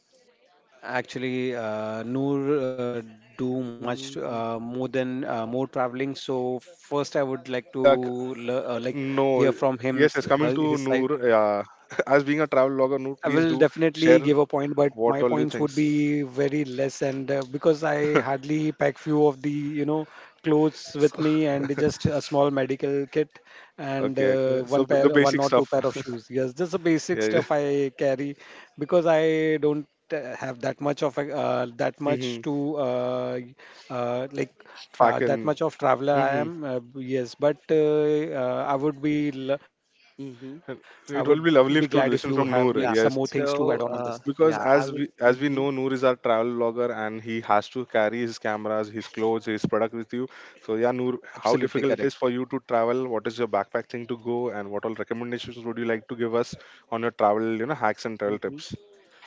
S3: Actually, uh, Noor uh, do much
S2: mm-hmm, mm-hmm.
S3: uh, more than uh, more traveling. So, first, I would like
S1: Yeah.
S3: to le- uh, like hear
S1: No,
S3: from
S1: yes,
S3: him
S1: it's
S3: s-
S1: coming
S3: her-
S1: to
S3: his side.
S1: Noor, yeah. As being a travel blogger, Noor,
S3: I
S1: please
S3: will
S1: do share
S3: definitely give a point, but
S1: what
S3: my
S1: all you
S3: points would
S1: things.
S3: be very less, and uh, because I hardly pack few of the, you know, clothes
S1: So,
S3: with me, and just a small medical kit, and
S1: okay,
S3: uh,
S1: okay.
S3: one
S1: So b- the
S3: pair, one
S1: basic
S3: or two
S1: stuff.
S3: pair of shoes. Yes, just the basic
S1: Yeah, yeah.
S3: stuff I carry, because I don't t- have that much of a uh, that much
S1: Mhm.
S3: to uh, uh, like
S1: Pack
S3: tra- that
S1: and
S3: much of traveler I
S1: mhm.
S3: am. Uh, yes, but uh, uh, I would be l- I would
S2: Mm-hmm.
S3: be glad if you
S1: It will be
S3: have
S1: lovely
S3: like
S1: to
S3: some more
S1: listen from
S3: things to
S1: Noor.
S2: Yeah.
S3: add on
S1: Yes,
S3: on this.
S2: So uh,
S1: because
S2: yeah,
S1: as
S2: I
S1: we
S2: will.
S1: as we
S2: Mm-hmm,
S1: know Noor is our travel vlogger and he has to carry his cameras, his clothes, his product with you. So yeah, Noor, how
S3: Absolutely
S1: difficult it is
S3: correct.
S1: for you to travel? What is your backpack thing to go, and what all recommendations would you like to give us on your travel, you know hacks and travel
S2: mm-hmm.
S1: tips?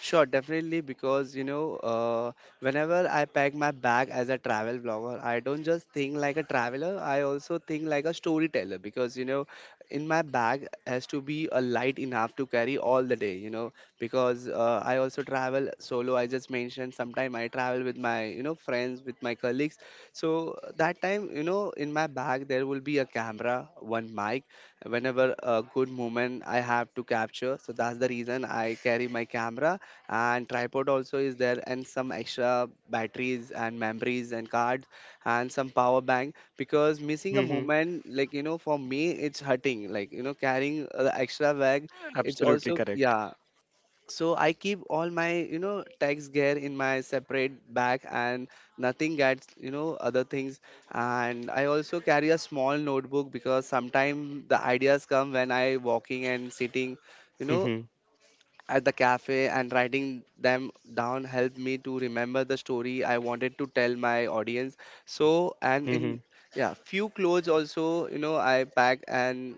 S2: Sure, definitely, because you know, uh, whenever I pack my bag as a travel vlogger, I don't just think like a traveler, I also think like a storyteller because you know, in my bag has to be a light enough to carry all the day, you know, because uh, I also travel solo. I just mentioned sometimes I travel with my you know friends, with my colleagues. So that time, you know, in my bag there will be a camera, one mic, whenever a good moment I have to capture. So that's the reason I carry my camera and tripod also is there and some extra batteries and memories and cards and some power bank because missing a
S1: Mm-hmm.
S2: moment like you know for me it's hurting like you know carrying uh, the extra bag it's
S3: Absolutely
S2: also
S3: correct.
S2: yeah. So I keep all my you know tags gear in my separate bag and nothing gets you know other things. And I also carry a small notebook because sometimes the ideas come when I walking and sitting, you know,
S1: Mm-hmm.
S2: at the cafe, and writing them down helped me to remember the story I wanted to tell my audience. So, and
S1: Mm-hmm.
S2: in yeah, few clothes also, you know, I pack and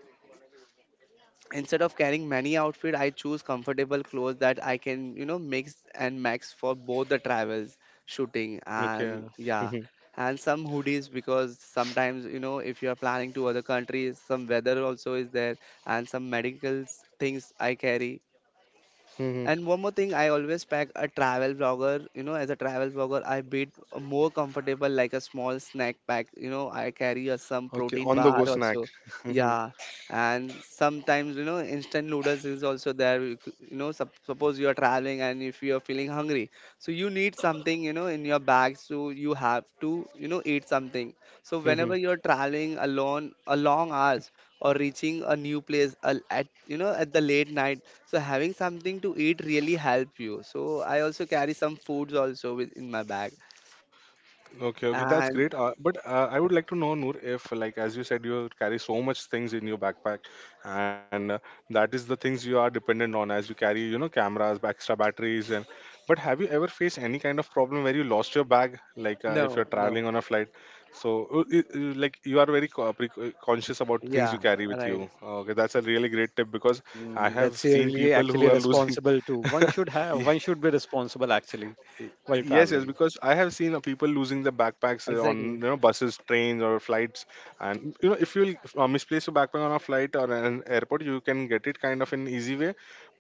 S2: instead of carrying many outfit, I choose comfortable clothes that I can, you know, mix and max for both the travels, shooting
S1: Okay.
S2: and yeah.
S1: Mhm.
S2: And some hoodies because sometimes, you know, if you are planning to other countries, some weather also is there and some medical things I carry.
S1: Mhm.
S2: And one more thing, I always pack a travel vlogger. You know, as a travel vlogger, I beat more comfortable like a small snack pack. You know, I carry a, some
S1: Okay,
S2: protein
S1: on the
S2: bar
S1: go snack.
S2: also. Yeah, and sometimes you know instant noodles is also there. You, c- you know, sup- suppose you are traveling and if you are feeling hungry, so you need something you know in your bag, so you have to you know eat something. So whenever
S1: Hmm.
S2: you are traveling alone, a long hours or reaching a new place a- at you know at the late night, so having something to eat really help you. So I also carry some foods also with in my bag.
S1: Okay, okay, that's
S2: And
S1: great. Uh, but uh, I would like to know, Noor, if like as you said, you carry so much things in your backpack, and uh, that is the things you are dependent on as you carry, you know, cameras, extra batteries, and. But have you ever faced any kind of problem where you lost your bag, like uh, if
S2: no,
S1: you're
S2: no.
S1: traveling on a flight? So, uh, i- i- like you are very co- pre- co- conscious about things you
S2: Yeah,
S1: carry with
S2: right.
S1: you. Okay, that's a really great tip because I
S3: Mm,
S1: have
S3: that's a
S1: seen
S3: really
S1: people
S3: actually
S1: who are losing.
S3: responsible too. One should have,
S1: Yeah.
S3: one should be responsible actually while
S1: Yes, yes,
S3: traveling.
S1: because I have seen uh, people losing the backpacks uh, on
S2: Exactly.
S1: you know buses, trains, or flights, and you know if you uh, misplace your backpack on a flight or an airport, you can get it kind of an easy way,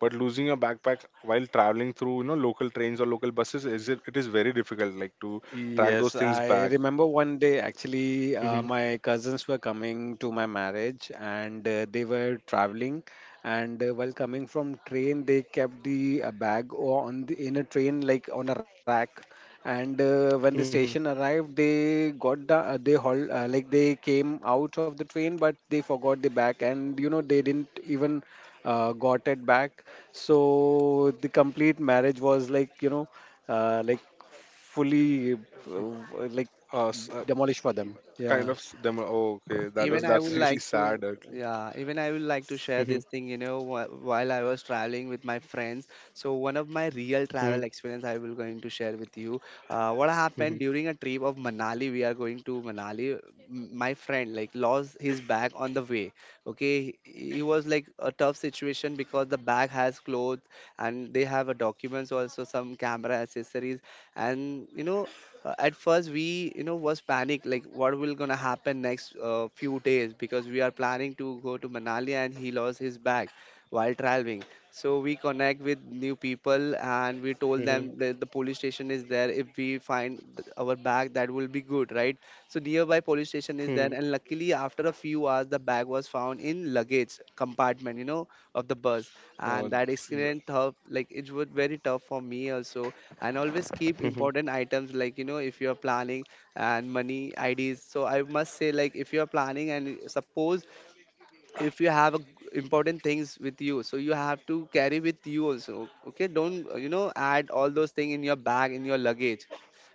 S1: but losing your backpack while traveling through you know local trains or local buses, is it, it is very difficult like to track
S3: Yes,
S1: those things
S3: I
S1: back.
S3: remember one day actually, uh,
S1: Hmm.
S3: my cousins were coming to my marriage and uh, they were traveling. And uh, while coming from train, they kept the uh, bag o- on the, in a train, like on a rack. And uh, when the station
S1: Hmm.
S3: arrived, they got the uh, they haul uh, like they came out of the train, but they forgot the bag, and you know they didn't even uh, got it back. So the complete marriage was like, you know, uh, like fully uh, like
S1: Uh, s- uh,
S3: demolished for them.
S1: kind
S3: Yeah.
S1: of s- them. Oh, okay, that was,
S2: even I would
S1: that's really
S2: like to
S1: sad. Mm-hmm.
S2: Yeah, even I would like to share this thing, you know. Wh- while I was traveling with my friends, so one of my real
S1: Mm-hmm.
S2: travel experience I will going to share with you. Uh, what happened
S1: Mm-hmm.
S2: during a trip of Manali, we are going to Manali, m- my friend like lost his bag on the way. Okay, he was like a tough situation because the bag has clothes and they have a documents also, some camera accessories and you know. Uh, at first we you know was panic like what will gonna happen next uh, few days because we are planning to go to Manali and he lost his bag while traveling. So we connect with new people and we told
S1: Mm-hmm.
S2: them that the police station is there, if we find th- our bag that will be good, right? So nearby police station
S1: Mm-hmm.
S2: is there and luckily after a few hours the bag was found in luggage compartment, you know, of the bus.
S1: Oh,
S2: And
S1: th-
S2: that accident tough, like it was very tough for me also. And always keep
S1: mhm,
S2: important items like you know, if you are planning and money I Ds. So I must say, like, if you are planning and suppose if you have a g- important things with you, so you have to carry with you also. Okay, don't uh, you know add all those things in your bag in your luggage.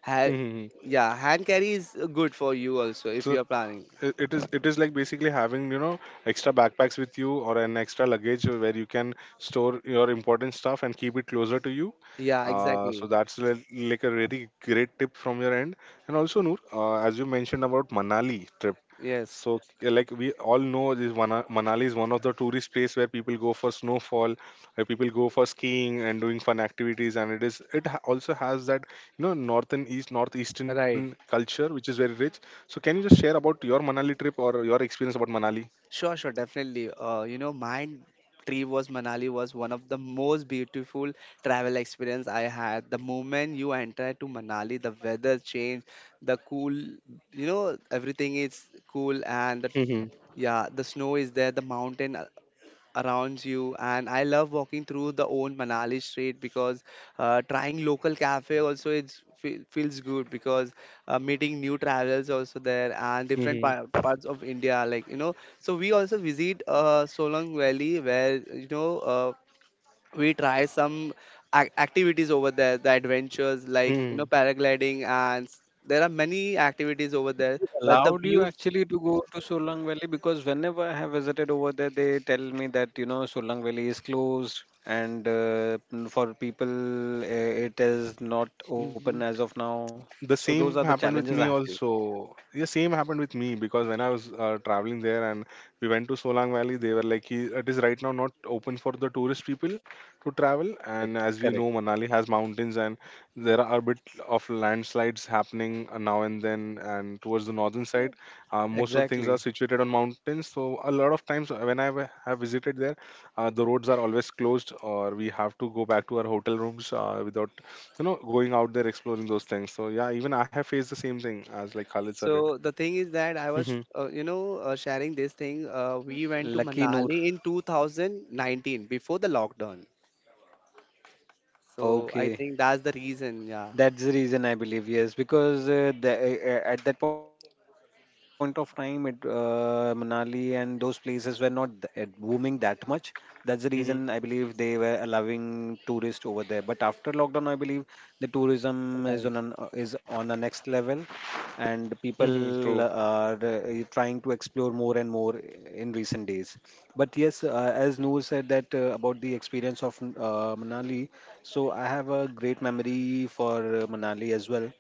S2: Ha-
S1: mhm.
S2: yeah, hand carry is uh, good for you also
S1: So
S2: if you are planning.
S1: i- it is it is like basically having you know extra backpacks with you or an extra luggage where you can store your important stuff and keep it closer to you.
S2: Yeah,
S1: uh,
S2: exactly.
S1: so that's li- like a really great tip from your end. And also, Noor, uh, as you mentioned about Manali trip.
S2: Yes,
S1: So, uh, like we all know this Mana- Manali is one of the tourist place where people go for snowfall, where people go for skiing and doing fun activities, and it is it ha- also has that you know northern east northeastern
S2: right.
S1: culture which is very rich. So can you just share about your Manali trip or your experience about Manali?
S2: Sure, sure, definitely. Uh, you know, my trip was Manali was one of the most beautiful travel experience I had. The moment you enter to Manali, the weather change, the cool, you know, everything is cool and the,
S1: Mm-hmm.
S2: yeah, the snow is there, the mountain uh, around you. And I love walking through the old Manali street because uh, trying local cafe also it's fe- feels good because uh, meeting new travelers also there and different
S1: Mm-hmm.
S2: par- parts of India, like you know. So we also visit uh, Solong Valley where you know uh, we try some ac- activities over there, the adventures like you know
S1: Hmm.
S2: paragliding and s- there are many activities over there
S3: It
S2: but the
S3: allowed you
S2: view.
S3: actually to go to Solang Valley, because whenever I have visited over there, they tell me that you know Solang Valley is closed, and uh, n- for people uh, it is not open as
S2: Mhm.
S3: of now. So
S1: The
S3: those are the
S1: same happened
S3: challenges I
S1: with
S3: have
S1: me
S3: faced.
S1: also, the same happened with me because when I was uh, traveling there, and we went to Solang Valley, they were like, "He- it is right now not open for the tourist people to travel."
S3: Correct.
S1: And as
S3: Correct.
S1: we know, Manali has mountains, and there are a bit of landslides happening uh, now and then, and towards the northern side, uh, most of
S3: Exactly.
S1: things are situated on mountains. So a lot of times, uh, when I wa- have visited there, uh, the roads are always closed or we have to go back to our hotel rooms uh, without you know going out there exploring those things. So yeah, even I have faced the same thing as like Khalid sir did.
S2: So the thing is that I was,
S1: Mhm,
S2: uh, you know, uh, sharing this thing. Uh, we went to
S3: Lucky Noor.
S2: Manali in two thousand nineteen before the lockdown. So I
S3: Okay.
S2: think that's the reason. Yeah,
S3: That's the reason I believe, yes, because uh, the, uh, uh, at that point of time, it uh, Manali and those places were not th- uh, booming that much. That's the reason I
S1: mhm,
S3: believe they were allowing tourists over there. But after lockdown, I believe the tourism is
S2: right.
S3: on an, uh, is on a next level, and
S1: mhm, true.
S3: people uh, are uh, trying to explore more and more in recent days. But yes, uh, as Noor said, that uh, about the experience of uh, Manali. So I have a great memory for uh, Manali as well,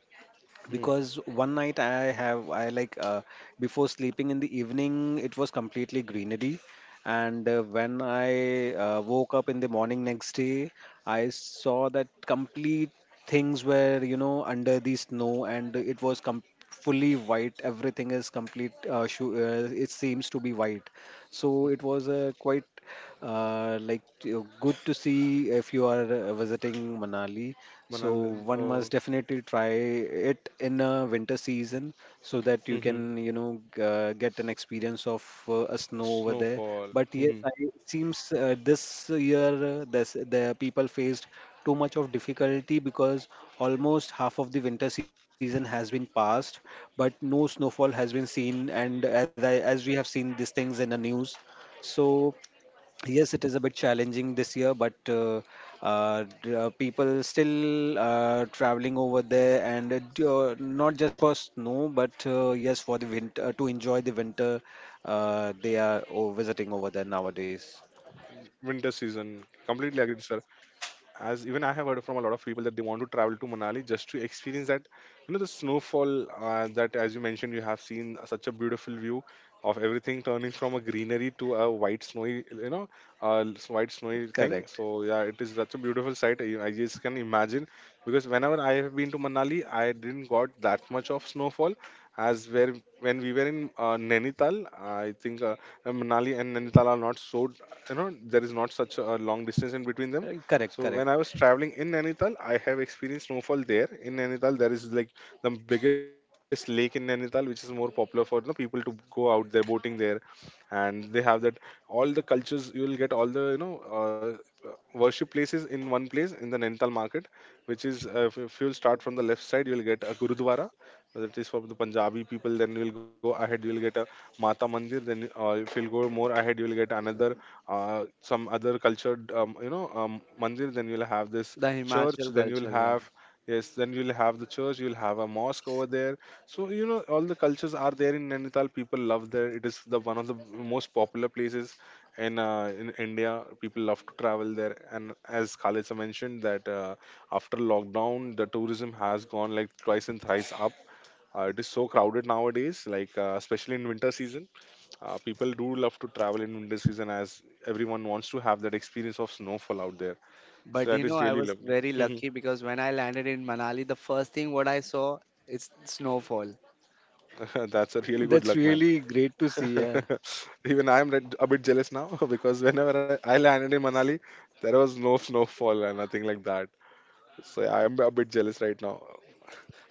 S1: Mhm.
S3: because one night I have I like uh, before sleeping in the evening it was completely greenery, and uh, when I uh, woke up in the morning next day, I saw that complete things were, you know, under the snow, and it was com- fully white, everything is complete, uh, shu- uh, it seems to be white. So it was a quite uh, like you- good to see if you are uh, visiting Manali. So
S1: Manal,
S3: one must
S1: oh,
S3: definitely try it in a winter season, so that you can,
S1: mhm.
S3: you know, g- uh, get an experience of uh, a snow over there.
S1: Snowfall,
S3: But yes, I,
S1: mhm.
S3: it seems uh, this year uh, this, the people faced too much of difficulty because almost half of the winter season has been passed, but no snowfall has been seen. And as I as we have seen these things in the news, so yes, it is a bit challenging this year, but uh, uh, d- uh, people still uh, traveling over there, and it, uh, not just for snow, but uh, yes, for the winter, to enjoy the winter, uh, they are o- visiting over there
S1: Winter
S3: nowadays.
S1: season, completely agreed, sir. As even I have heard from a lot of people that they want to travel to Manali just to experience that, you know, the snowfall uh, that, as you mentioned, you have seen such a beautiful view of everything turning from a greenery to a white snowy, you know, uh, s- white snowy
S3: Correct.
S1: thing. So yeah, it is such a beautiful sight. I I just can imagine because whenever I have been to Manali, I didn't got that much of snowfall as where when we were in uh, Nainital. I think uh, Manali and Nainital are not so, you know there is not such a long distance in between them.
S3: Uh, correct,
S1: So when I
S3: correct.
S1: was traveling in Nainital, I have experienced snowfall there. In Nainital, there is like the biggest lake in Nainital, which is more popular for you know, people to go out there boating there. And they have that, all the cultures you will get, all the you know uh, uh, worship places in one place in the Nainital market, which is, uh, if if you'll start from the left side, you'll get a gurudwara that is for the Punjabi people. Then you'll go ahead, you'll get a mata mandir. Then uh, if you'll go more ahead, you'll get another, uh, some other cultured, um, you know um, mandir. Then you'll have this
S2: The
S1: church,
S2: Himachal
S1: then you'll
S2: culture. Yeah.
S1: have, yes, then you'll have the church, you'll have a mosque over there. So you know all the cultures are there in Nainital, people love there, it is the one of the most popular places in uh, in India. People love to travel there. And as Khalid sir mentioned that uh, after lockdown the tourism has gone like twice and thrice up. Uh, it is so crowded nowadays, like uh, especially in winter season. Uh, people do love to travel in winter season as everyone wants to have that experience of snowfall out there.
S2: But
S1: So
S2: you
S1: that
S2: know,
S1: is
S2: I
S1: really
S2: was
S1: lovely.
S2: very lucky
S1: Mhm.
S2: because when I landed in Manali, the first thing what I saw is snowfall.
S1: That's a really good
S3: That's
S1: luck, man.
S3: really great to see. Yeah.
S1: Even I am red- a bit jealous now because whenever I, I landed in Manali, there was no snowfall and nothing like that. So yeah, I am a bit jealous right now.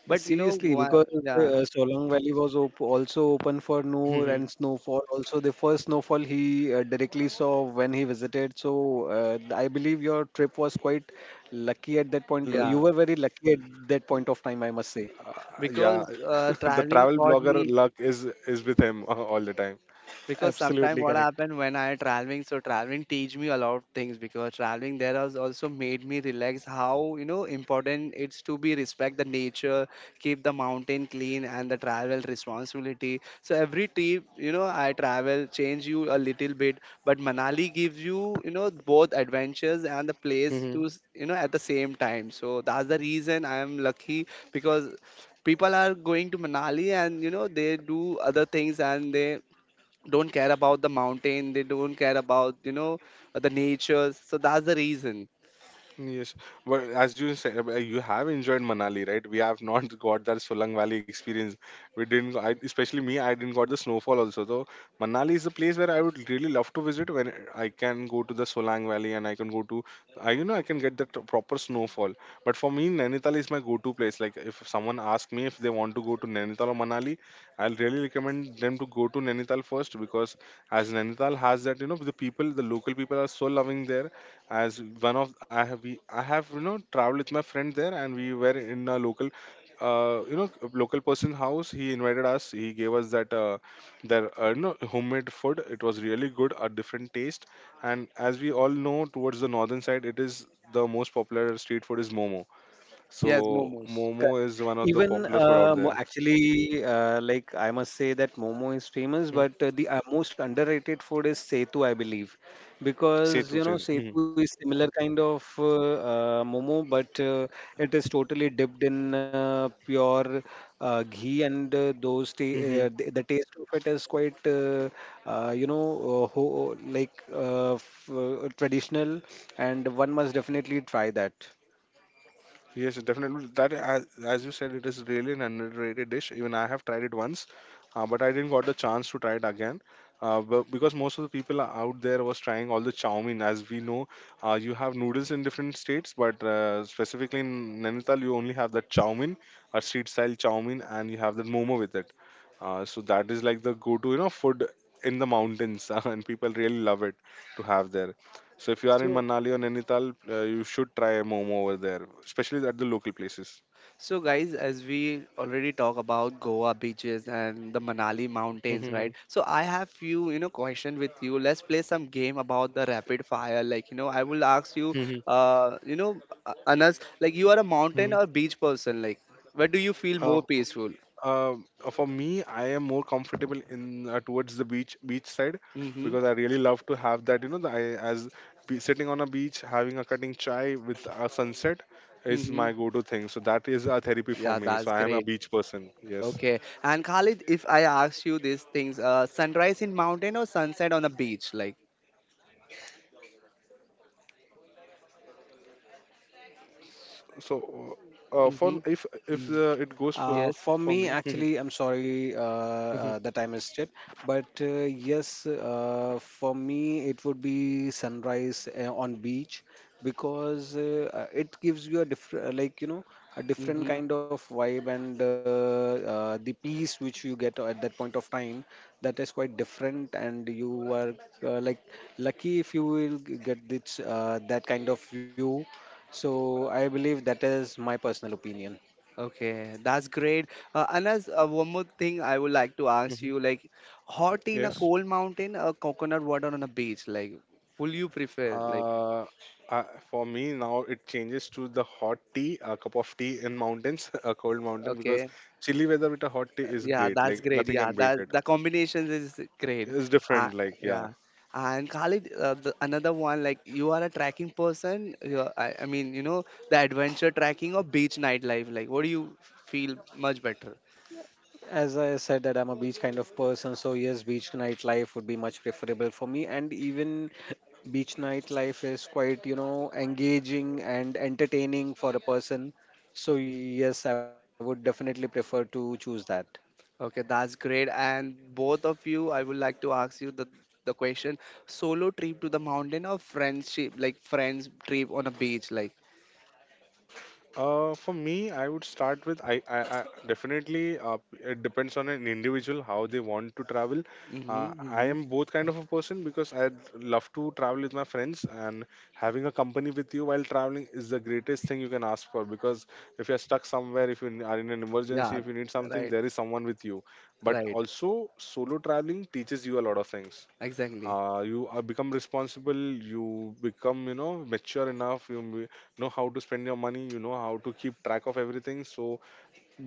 S2: But you know,
S3: Seriously, because
S2: wha- yeah,
S3: uh, Solang Valley was op, also open for Noor, and
S1: Mhm.
S3: snowfall. Also, the first snowfall he uh, directly saw when he visited. So, uh, I believe your trip was quite lucky at that point.
S1: L-
S3: You
S2: yeah,
S3: were very lucky at that point of time, I must say.
S1: yeah,
S2: because uh,
S1: the
S2: traveling
S1: travel
S2: taught
S1: blogger
S2: me.
S1: luck is is with him all the time.
S2: Because sometimes
S3: Absolutely
S2: what
S3: correct.
S2: happened when I traveling, so traveling teach me a lot of things because traveling there has also made me relax how you know important it's to be respect the nature, keep the mountain clean and the travel responsibility. So every trip, you know, I travel change you a little bit, but Manali gives you, you know, both adventures and the place to s- you know at the same time. So that's the reason I am lucky because people are going to Manali and you know they do other things and they don't care about the mountain, they don't care about, you know, the nature. So that's the reason.
S1: Yes, but as you said, uh, you have enjoyed Manali, right? We have not got that Solang Valley experience. We didn't, I, especially me, I didn't got the snowfall also. So Manali is a place where I would really love to visit when I can go to the Solang Valley and I can go to, I you know, I can get the t- proper snowfall. But for me, Nainital is my go-to place. Like if someone asks me if they want to go to Nainital or Manali, I'll really recommend them to go to Nainital first because as Nainital has that, you know, the people, the local people are so loving there as one of I have we I have you know traveled with my friend there and we were in a local uh you know local person's house. He invited us, he gave us that uh their uh, you know homemade food. It was really good, a different taste. And as we all know, towards the northern side, it is the most popular street food is momo.
S2: Yes,
S1: So
S2: momos.
S1: momo
S3: Correct.
S1: is one of the
S3: Even
S1: popular food out
S3: uh, mo-
S1: there.
S3: actually, uh, like I must say that Momo is
S1: Hmm.
S3: famous, but uh, the uh, most underrated food is Setu, I believe,
S1: Setu,
S3: because you
S1: setu.
S3: know Setu is similar kind of uh, uh, Momo, but uh, it is totally dipped in uh, pure uh, ghee, and uh, those ta uh, the, the taste of it is quite uh, uh, you know uh, ho like uh, f uh, traditional, and one must definitely try that.
S1: Yes, definitely. That, as, as you said, it is really an underrated dish. Even I have tried it once, uh, but I didn't got the chance to try it again. Uh, but because most of the people are out there was trying all the chow mein. As we know, uh, you have noodles in different states, but uh, specifically in Nainital, you only have that chow mein, a street style chow mein, and you have the momo with it. Uh, so that is like the go-to, you know, food in the mountains, and people really love it to have there. So if you are in
S2: So,
S1: Manali or Nainital, uh, you should try a momo over there, especially at the local places.
S2: so guys, as we already talk about Goa beaches and the Manali
S1: Hmm.
S2: mountains, right? So I have few, you know, question with you. Let's play some game about the rapid fire, like you know, I will ask you
S1: Hmm.
S2: uh you know uh, Anas, like you are a mountain or
S1: Hmm.
S2: beach person, like where do you feel
S1: Uh,
S2: more peaceful?
S1: uh, for me, I am more comfortable in uh, towards the beach beach side
S2: Mm-hmm.
S1: because I really love to have that. You know, the, I as be, sitting on a beach having a cutting chai with a sunset is
S2: Mm-hmm.
S1: my go-to thing. So that is a therapy for
S2: Yeah,
S1: me. So
S2: that's
S1: I am a
S2: great.
S1: beach person. Yes.
S2: Okay. And Khalid, if I ask you these things, uh, sunrise in mountain or sunset on the beach? Like,
S1: So uh,
S2: mm-hmm,
S1: for if if
S3: Y-
S1: uh, it goes for
S3: Uh,
S2: yes,
S3: for
S1: for
S3: me,
S1: me. Hmm.
S3: actually, I'm sorry uh,
S1: Hmm.
S3: uh, that I missed it, but uh, yes, uh, for me, it would be sunrise uh, on beach, because uh, uh, it gives you a different, like you know, a different
S2: mm-hmm.
S3: kind of vibe, and uh, uh, the peace which you get at that point of time, that is quite different, and you are uh, like lucky if you will g- get this uh, that kind of view. So I believe that is my personal opinion.
S2: Okay, that's great. Uh, Anas, uh, one more thing I would like to ask
S1: Hmm.
S2: you, like, hot tea in a
S1: Yes.
S2: cold mountain or coconut water on a beach? Like, will you prefer? Like,
S1: Uh, uh, for me now it changes to the hot tea, a cup of tea in mountains, a cold mountain, because
S2: okay.
S1: chilly weather with a hot tea is
S2: Yeah,
S1: great.
S2: that's
S1: Like
S2: great.
S1: nothing
S2: Yeah,
S1: can beat
S2: that
S1: it.
S2: the combinations is great.
S1: It's
S2: Uh,
S1: different. Like yeah.
S2: yeah, and Khalid, uh, the, another one like you are a trekking person. You are, I, I mean, you know, the adventure trekking or beach nightlife. Like, what do you f- feel much better?
S3: As I said that I'm a beach kind of person, so yes, beach nightlife would be much preferable for me. And even beach nightlife is quite, you know, engaging and entertaining for a person. So yes, I would definitely prefer to choose that.
S2: Okay, that's great. And both of you, I would like to ask you the the question: solo trip to the mountain or friendship, like friends trip on a beach, like.
S1: Uh, for me, I would start with I, I, I definitely uh, it depends on an individual how they want to travel. Uh,
S2: Mm-hmm,
S1: I
S2: mm-hmm.
S1: am both kind of a person because I love to travel with my friends, and having a company with you while traveling is the greatest thing you can ask for. Because if you're stuck somewhere, if you are in an emergency,
S2: Yeah,
S1: if you need something,
S2: right,
S1: there is someone with you. But
S2: right,
S1: also, solo traveling teaches you a lot of things.
S2: exactly.
S1: Uh, you are become responsible, you become, you know, mature enough. You m- know how to spend your money, you know how to keep track of everything. So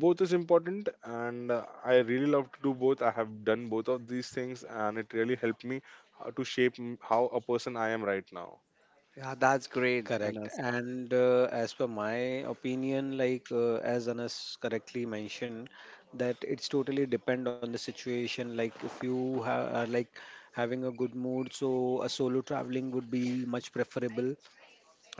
S1: both is important, and uh, I really love to do both. I have done both of these things, and it really helped me uh, to shape m- how a person I am right now.
S2: Yeah, that's great,
S3: Correct.
S2: Anas.
S3: And uh, as per my opinion, like uh, as Anas correctly mentioned, that it's totally depend on the situation. Like if you ha- are like having a good mood, so a solo traveling would be much preferable,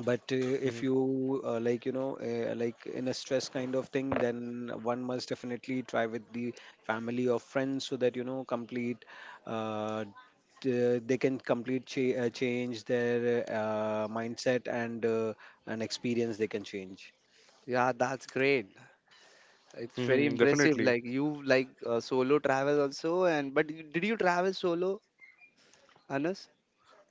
S3: but uh,
S1: Mhm.
S3: if you uh, like, you know, uh, like in a stress kind of thing, then one must definitely try with the family or friends, so that you know complete uh, t- they can complete cha- uh, change their uh, mindset, and uh, an experience they can change.
S2: Yeah, that's great. It's very
S1: Mhm.
S2: impressive.
S1: Definitely.
S2: Like you like uh, solo travel also, and but you- did you travel solo, Anas?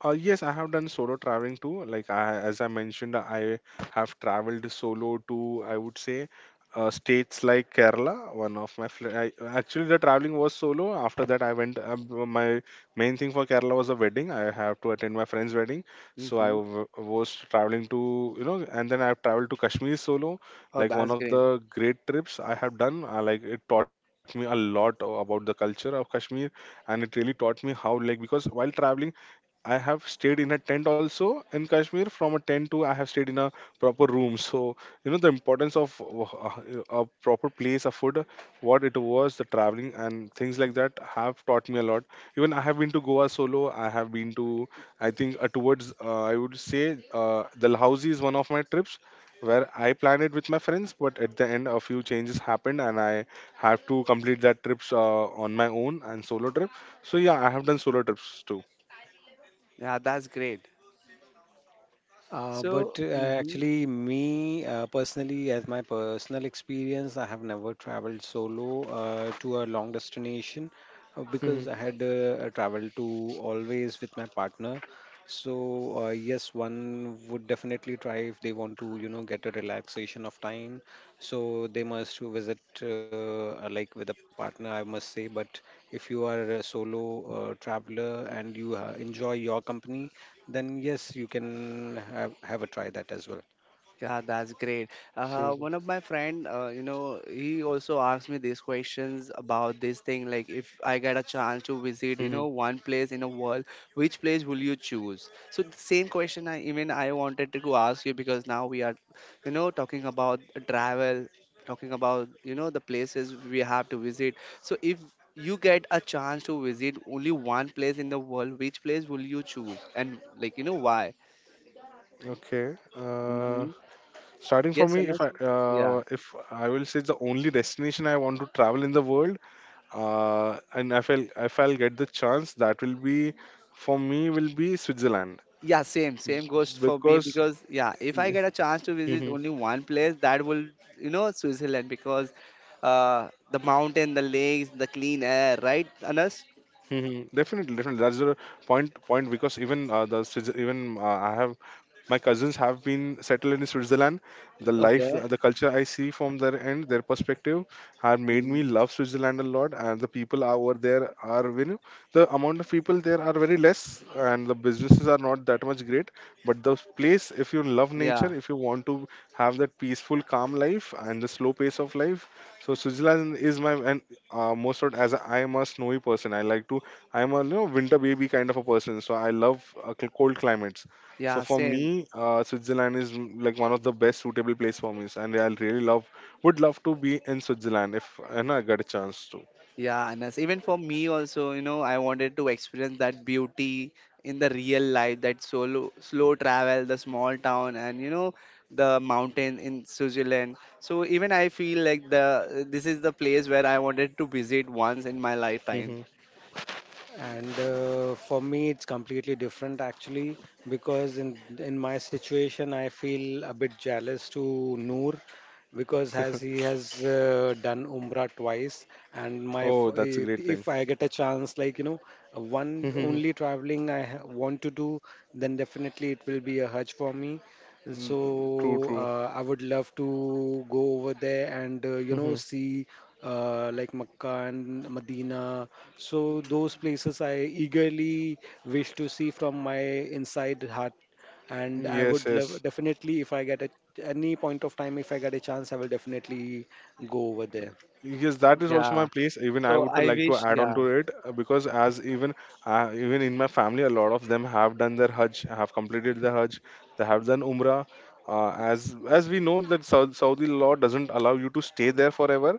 S1: Uh, yes, I have done solo traveling too. Like I, as I mentioned, I have traveled solo to, I would say, uh, states like Kerala. One of my fl- I, actually the traveling was solo. After that, I went. Uh, b- my main thing for Kerala was a wedding. I have to attend my friend's wedding, so I
S2: Mm-hmm.
S1: w- was traveling to, you know, and then I've traveled to Kashmir solo.
S2: Oh,
S1: Like one
S2: that's
S1: of
S2: great.
S1: the great trips I have done. Uh, like it taught me a lot about the culture of Kashmir, and it really taught me how, like because while traveling I have stayed in a tent also in Kashmir. From a tent to I have stayed in a proper room. So you know the importance of uh, a proper place, a food, what it was, the traveling and things like that have taught me a lot. Even I have been to Goa solo. I have been to, I think uh, towards uh, I would say uh, the Dalhousie is one of my trips where I planned it with my friends. But at the end, a few changes happened, and I have to complete that trips uh, on my own and solo trip. So yeah, I have done solo trips too.
S2: Yeah, that's great.
S3: Uh, but
S2: So,
S3: uh,
S2: mhm.
S3: Actually, me uh, personally, as my personal experience, I have never traveled solo uh, to a long destination uh, because I had uh, traveled to always with my partner. So, uh, yes, one would definitely try if they want to, you know, get a relaxation of time. So, they must visit uh, like with a partner, I must say. But if you are a solo uh, traveler and you uh, enjoy your company, then yes, you can have, have a try that as well.
S2: Yeah, that's great. Uh,
S1: True.
S2: one of my friend, uh, you know, he also asked me these questions about this thing. Like, if I get a chance to visit, you
S1: Hmm.
S2: know, one place in a world, which place will you choose? So the same question I even I wanted to ask you because now we are, you know, talking about travel, talking about you know the places we have to visit. So if you get a chance to visit only one place in the world, which place will you choose? And like, you know, why?
S1: Okay. Uh,
S2: Mm-hmm.
S1: Starting from
S2: Yes,
S1: me, if I
S2: Anas. Yeah.
S1: uh, if I will say the only destination I want to travel in the world, uh, and if I'll if I'll get the chance, that will be for me will be Switzerland,
S2: Yeah, same, same goes for me
S1: because.
S2: because yeah, if I get a chance to visit only one place, that will you know Switzerland because uh, the mountain, the lakes, the clean air, right, Anas?
S1: Hmm. Definitely, definitely. That's the point. Point, because even uh, the Swiz- even uh, I have my cousins have been settled in Switzerland. The life,
S2: Okay.
S1: the, the culture I see from their end, their perspective, have made
S2: Mm,
S1: me love Switzerland a lot. And the people are over there are, you know, the amount of people there are very less, and the businesses are not that much great. But the place, if you love
S2: yeah,
S1: nature, if you want to have that peaceful, calm life and the slow pace of life, so Switzerland is my, and uh, most of, as I am a snowy person, I like to, I am a, you know, winter baby kind of a person. So I love uh, cl- cold climates. So
S2: yeah,
S1: for
S2: same.
S1: me, uh, Switzerland is, mm, like one of the best suitable place for me, and I really love would love to be in Switzerland if, you know, I got a chance to.
S2: Yeah, Anas. Even for me also, you know, I wanted to experience that beauty in the real life, that solo slow travel, the small town and you know, the mountain in Switzerland. So even I feel like the this is the place where I wanted to visit once in my
S1: Hmm.
S2: lifetime.
S3: And uh, for me, it's completely different actually, because in in my situation, I feel a bit jealous to Noor, because as he has uh, done Umrah twice, and my
S1: Oh,
S3: f-
S1: that's a
S3: eh,
S1: great thing.
S3: if I get a chance, like you know, one
S1: Mhm.
S3: only traveling I ha- want to do, then definitely it will be a Hajj for me.
S1: Mm, true,
S3: So
S1: true.
S3: uh, I would love to go over there and uh, you know
S1: Hmm.
S3: see uh, like Makkah and Medina. So those places I eagerly wish to see from my inside heart, and I
S1: Yes,
S3: would
S1: yes.
S3: love definitely if I get a, any point of time, if I get a chance, I will definitely go over there.
S1: Yes, that is also my
S2: Yeah.
S1: place. Even I
S2: So
S1: would
S2: I
S1: like to
S2: wish
S1: add on
S2: yeah.
S1: to it uh, because as even uh, even in my family, a lot of them have done their Hajj, have completed their Hajj, they have done Umrah. Uh, as as we know that Sau- Saudi law doesn't allow you to stay there forever,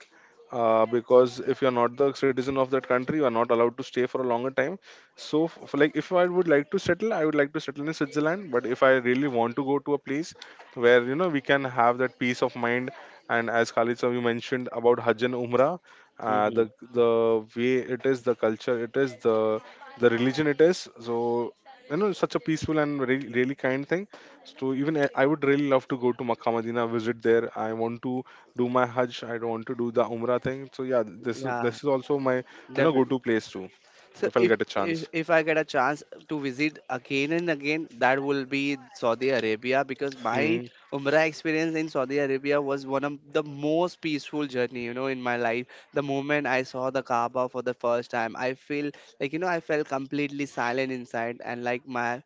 S1: uh, because if you are not the citizen of that country, you are not allowed to stay for a longer time. So, f- for like if I would like to settle, I would like to settle in Switzerland. But if I really want to go to a place where you know we can have that peace of mind, and as Khalid sir, you mentioned about Hajj and Umrah, uh,
S2: Hmm.
S1: the the way it is, the culture it is, the the religion it is. So you know, such a peaceful and really, really kind thing. So even I I would really love to go to Makkah, Medina, visit there. I want to do my Hajj. I want to do the Umrah thing. So yeah, this is this
S2: Yeah,
S1: is also my, you know, go
S2: definitely.
S1: to place too,
S2: So
S1: if I'll
S2: if,
S1: get a
S2: if
S1: chance.
S2: if I get a chance to visit again and again, that will be Saudi Arabia because my
S1: Mm-hmm.
S2: Umrah experience in Saudi Arabia was one of the most peaceful journey, you know, in my life. The moment I saw the Kaaba for the first time, I feel like you know I felt completely silent inside and like my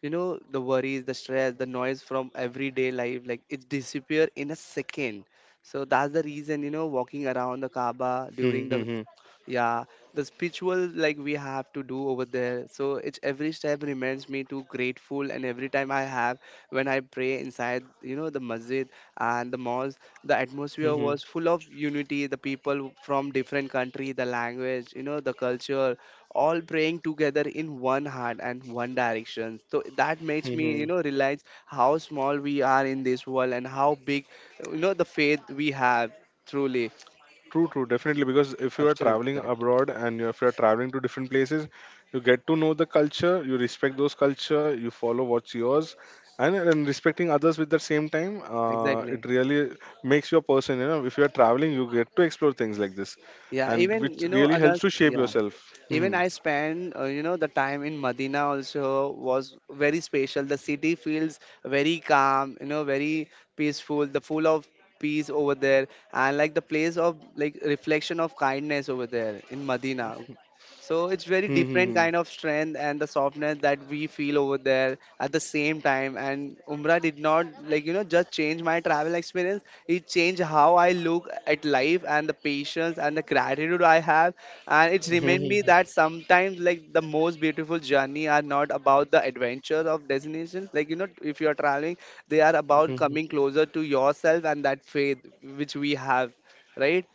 S2: you know the worries, the stress, the noise from everyday life like it disappear in a second. So that's the reason you know walking around the Kaaba during the
S1: Mm-hmm.
S2: yeah, the spiritual like we have to do over there. So it's every step reminds me to grateful, and every time I have when I pray inside, you know, the masjid and the malls, the atmosphere
S1: Mm-hmm.
S2: was full of unity. The people from different country, the language, you know, the culture, all praying together in one heart and one direction. So that makes me,
S1: Mm-hmm.
S2: you know, realize how small we are in this world and how big, you know, the faith we have. Truly,
S1: True, true, definitely. Because if you are
S3: Absolutely
S1: traveling
S3: correct.
S1: abroad and you- if you are traveling to different places, you get to know the culture, you respect those culture, you follow what's yours, and, and respecting others with the same time, uh, it
S2: exactly.
S1: really makes you a person. You know, if you are traveling, you get to explore things like this,
S2: Yeah,
S1: and
S2: even
S1: which
S2: you know
S1: really
S2: another
S1: helps to shape
S2: yeah,
S1: yourself.
S2: even
S1: Hmm.
S2: I spent uh, you know the time in Medina also was very special. The city feels very calm, you know, very peaceful. The full of peace over there, and like the place of like reflection of kindness over there in Medina. So it's
S1: Hmm.
S2: very
S1: Hmm.
S2: different kind of strength and the softness that we feel over there at the same time. And Umrah did not like you know just change my travel experience. It changed how I look at life and the patience and the gratitude I have. And it's
S1: Hmm. Hmm.
S2: remind
S1: Hmm.
S2: me
S1: Hmm.
S2: that sometimes like the most beautiful journey are not about the adventures of destination. Like you know if you are traveling, they are
S1: Hmm,
S2: about
S1: hmm.
S2: coming closer to yourself and that faith which we have, right?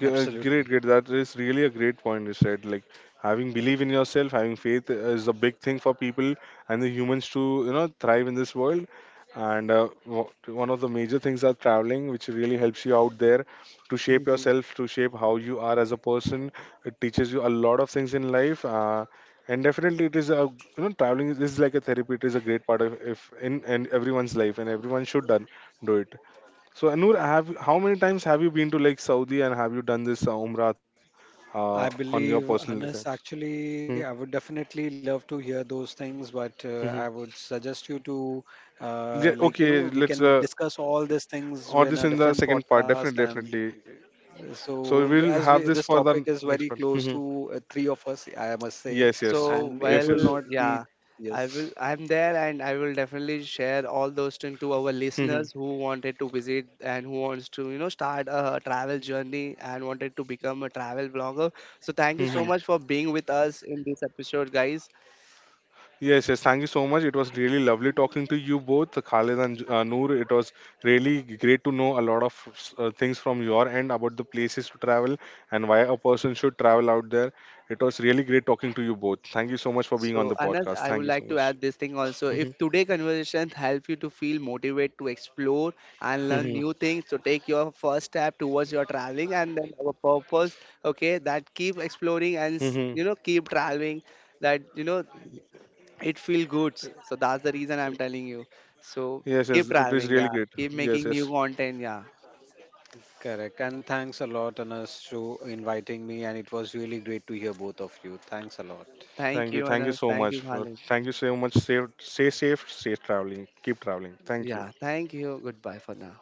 S1: G- uh, Great,
S3: Absolutely.
S1: great. That is really a great point you said. Like, having belief in yourself, having faith is a big thing for people and the humans to, you know, thrive in this world. And uh, wo- one of the major things are traveling, which really helps you out there to shape yourself, to shape how you are as a person. It teaches you a lot of things in life. Uh, and definitely, it is a, you know, traveling is is like a therapy. It is a great part of if in and everyone's life, and everyone should done do it. So Anur, have how many times have you been to like Saudi and have you done this uh, Umrah uh,
S3: I
S1: on your
S3: believe,
S1: personal license?
S3: Anas, actually,
S1: Hmm?
S3: I would definitely love to hear those things, but uh, I
S1: Hmm.
S3: would suggest you to, uh,
S1: Yeah,
S3: like, you know,
S1: okay,
S3: we
S1: let's
S3: can
S1: uh,
S3: discuss all these things
S1: or
S3: in
S1: this
S3: a
S1: in the
S3: different
S1: second part.
S3: podcast.
S1: Definitely,
S3: And
S1: definitely.
S3: uh, so,
S1: So
S3: w-
S1: we'll
S3: as we,
S1: have
S3: this
S1: this for
S3: topic
S1: the
S3: is very
S1: next part.
S3: close
S1: Hmm.
S3: to uh, three of us, I must say,
S1: Yes, yes,
S2: So,
S3: and it
S1: yes,
S3: will
S1: yes.
S2: well,
S3: not be,
S2: yeah, I
S3: yes,
S2: will, I'm there and I will definitely share all those things to our
S1: Hmm.
S2: listeners who wanted to visit and who wants to, you know, start a travel journey and wanted to become a travel vlogger. So, thank you so much for being with us in this episode, guys.
S1: Yes, yes. Thank you so much. It was really lovely talking to you both, Khalid and uh, Noor. It was really great to know a lot of uh, things from your end about the places to travel and why a person should travel out there. It was really great talking to you both. Thank you so much for being on
S2: So,
S1: the
S2: Anas,
S1: podcast.
S2: I
S1: Thank
S2: would
S1: you so
S2: like to
S1: much.
S2: add this thing also.
S1: Mhm,
S2: If today conversation help you to feel motivated to explore and learn
S1: mhm,
S2: new things, so take your first step towards your traveling and then our purpose, okay, that keep exploring and
S1: mhm.
S2: s- you know keep traveling, that you know it feel good. So that's the reason I'm telling you. So
S1: Yes, yes.
S2: keep
S1: It is
S2: traveling,
S1: really
S2: yeah.
S1: great.
S2: Keep
S1: Yes,
S2: making
S1: yes.
S2: new content, yeah.
S3: correct. And thanks a lot, Anas, to inviting me, and it was really great to hear both of you. Thanks a lot.
S1: Thank
S2: Thank
S1: you.
S2: you,
S1: Thank you
S2: Anas.
S1: so
S2: Thank
S1: much.
S2: you,
S1: For,
S2: Khalid.
S1: thank you so much. Safe, stay safe, safe traveling. Keep traveling. Thank you.
S2: Yeah, thank you. Goodbye for now.